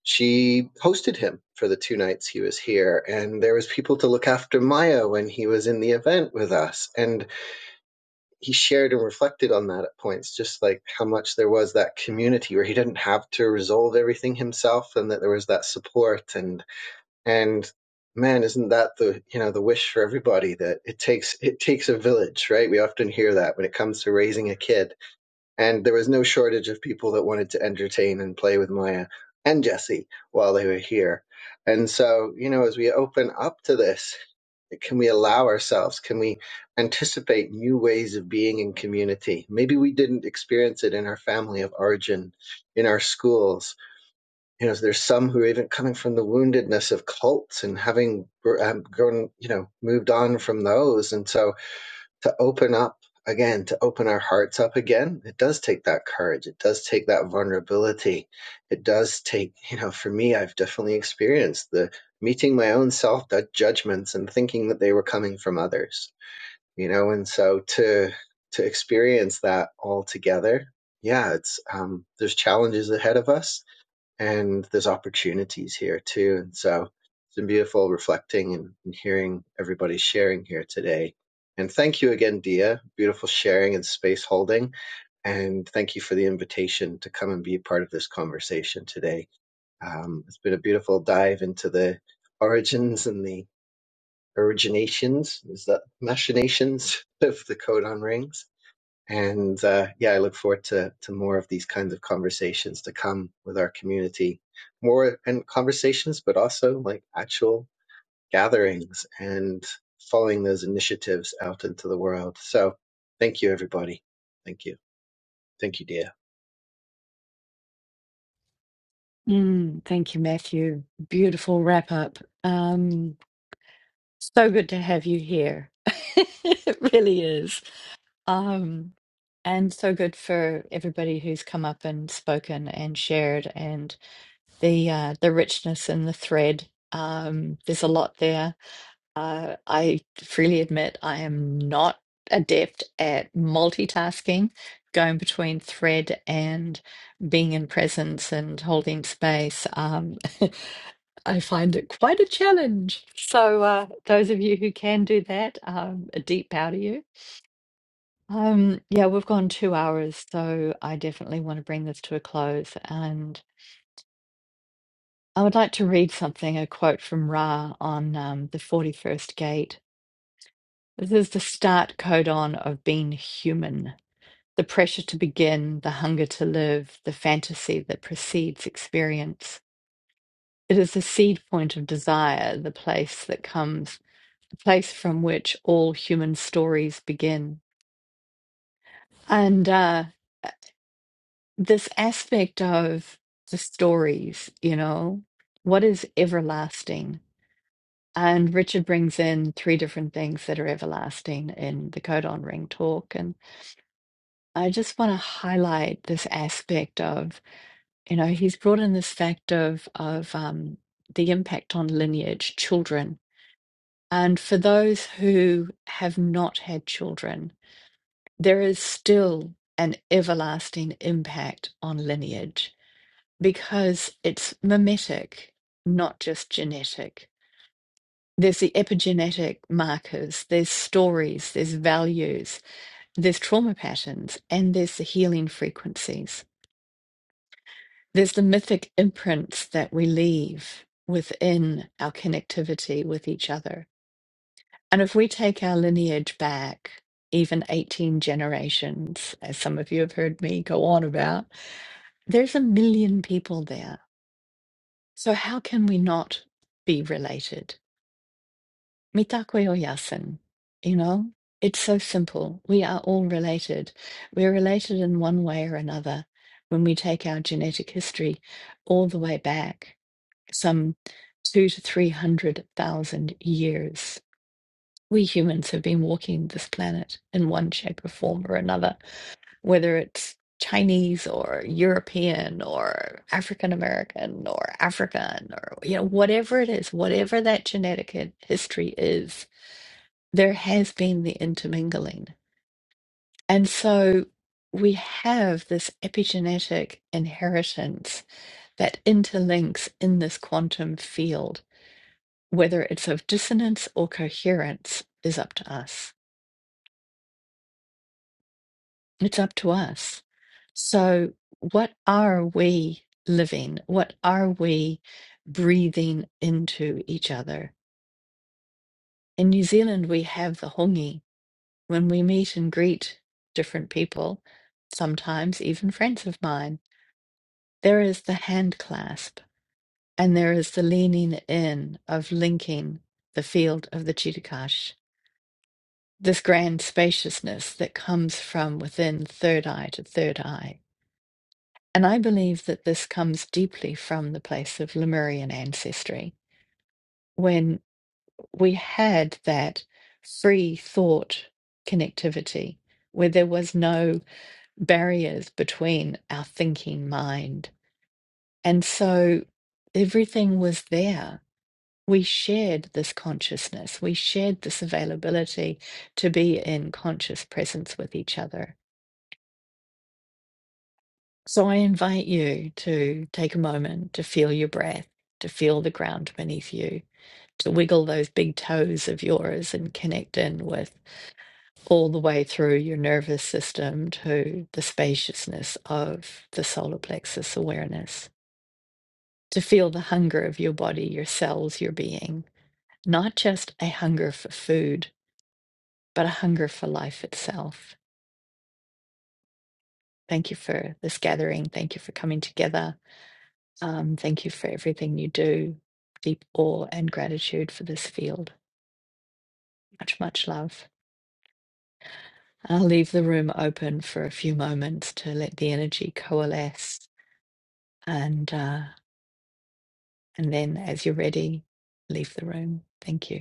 B: she hosted him for the two nights he was here and there was people to look after maya when he was in the event with us and he shared and reflected on that at points just like how much there was that community where he didn't have to resolve everything himself and that there was that support and and man, isn't that the you know the wish for everybody that it takes it takes a village, right? We often hear that when it comes to raising a kid. And there was no shortage of people that wanted to entertain and play with Maya and Jesse while they were here. And so, you know, as we open up to this, can we allow ourselves? Can we anticipate new ways of being in community? Maybe we didn't experience it in our family of origin, in our schools, you know, there's some who are even coming from the woundedness of cults and having um, grown, you know, moved on from those. And so to open up again, to open our hearts up again, it does take that courage. It does take that vulnerability. It does take, you know, for me, I've definitely experienced the meeting my own self judgments and thinking that they were coming from others, you know, and so to, to experience that all together. Yeah, it's um, there's challenges ahead of us and there's opportunities here too. And so it's been beautiful reflecting and, and hearing everybody sharing here today. And thank you again, Dia. Beautiful sharing and space holding. And thank you for the invitation to come and be a part of this conversation today. Um, it's been a beautiful dive into the origins and the originations, is that machinations of the codon rings and uh, yeah, I look forward to to more of these kinds of conversations to come with our community, more and conversations, but also like actual gatherings and following those initiatives out into the world. So, thank you, everybody. Thank you. Thank you, Dia.
A: Mm, thank you, Matthew. Beautiful wrap up. Um, so good to have you here. It really is. Um, and so good for everybody who's come up and spoken and shared and the uh, the richness in the thread. Um, there's a lot there. Uh, I freely admit I am not adept at multitasking, going between thread and being in presence and holding space. Um, I find it quite a challenge. So uh, those of you who can do that, um, a deep bow to you. Um, yeah, we've gone two hours, so I definitely want to bring this to a close. And I would like to read something, a quote from Ra on um, the 41st gate. This is the start codon of being human, the pressure to begin, the hunger to live, the fantasy that precedes experience. It is the seed point of desire, the place that comes, the place from which all human stories begin. And uh, this aspect of the stories, you know, what is everlasting? And Richard brings in three different things that are everlasting in the Codon Ring talk. And I just want to highlight this aspect of, you know, he's brought in this fact of, of um, the impact on lineage, children. And for those who have not had children, there is still an everlasting impact on lineage because it's mimetic, not just genetic. There's the epigenetic markers, there's stories, there's values, there's trauma patterns, and there's the healing frequencies. There's the mythic imprints that we leave within our connectivity with each other. And if we take our lineage back, even 18 generations, as some of you have heard me go on about, there's a million people there. So, how can we not be related? Mitakwe Oyasin. You know, it's so simple. We are all related. We're related in one way or another when we take our genetic history all the way back, some two to 300,000 years. We humans have been walking this planet in one shape or form or another, whether it's Chinese or European or African American or African or, you know, whatever it is, whatever that genetic hi- history is there has been the intermingling. And so we have this epigenetic inheritance that interlinks in this quantum field. Whether it's of dissonance or coherence is up to us. It's up to us. So, what are we living? What are we breathing into each other? In New Zealand, we have the hongi, when we meet and greet different people, sometimes even friends of mine, there is the hand clasp and there is the leaning in of linking the field of the Chittakash, this grand spaciousness that comes from within third eye to third eye. And I believe that this comes deeply from the place of Lemurian ancestry, when we had that free thought connectivity, where there was no barriers between our thinking mind. And so everything was there. We shared this consciousness, we shared this availability to be in conscious presence with each other. So I invite you to take a moment to feel your breath, to feel the ground beneath you, to wiggle those big toes of yours and connect in with all the way through your nervous system to the spaciousness of the solar plexus awareness. to feel the hunger of your body, your cells, your being, not just a hunger for food, but a hunger for life itself. Thank you for this gathering. Thank you for coming together. Um, thank you for everything you do. Deep awe and gratitude for this field. Much, much love. I'll leave the room open for a few moments to let the energy coalesce, and uh, and then, as you're ready, leave the room. Thank you.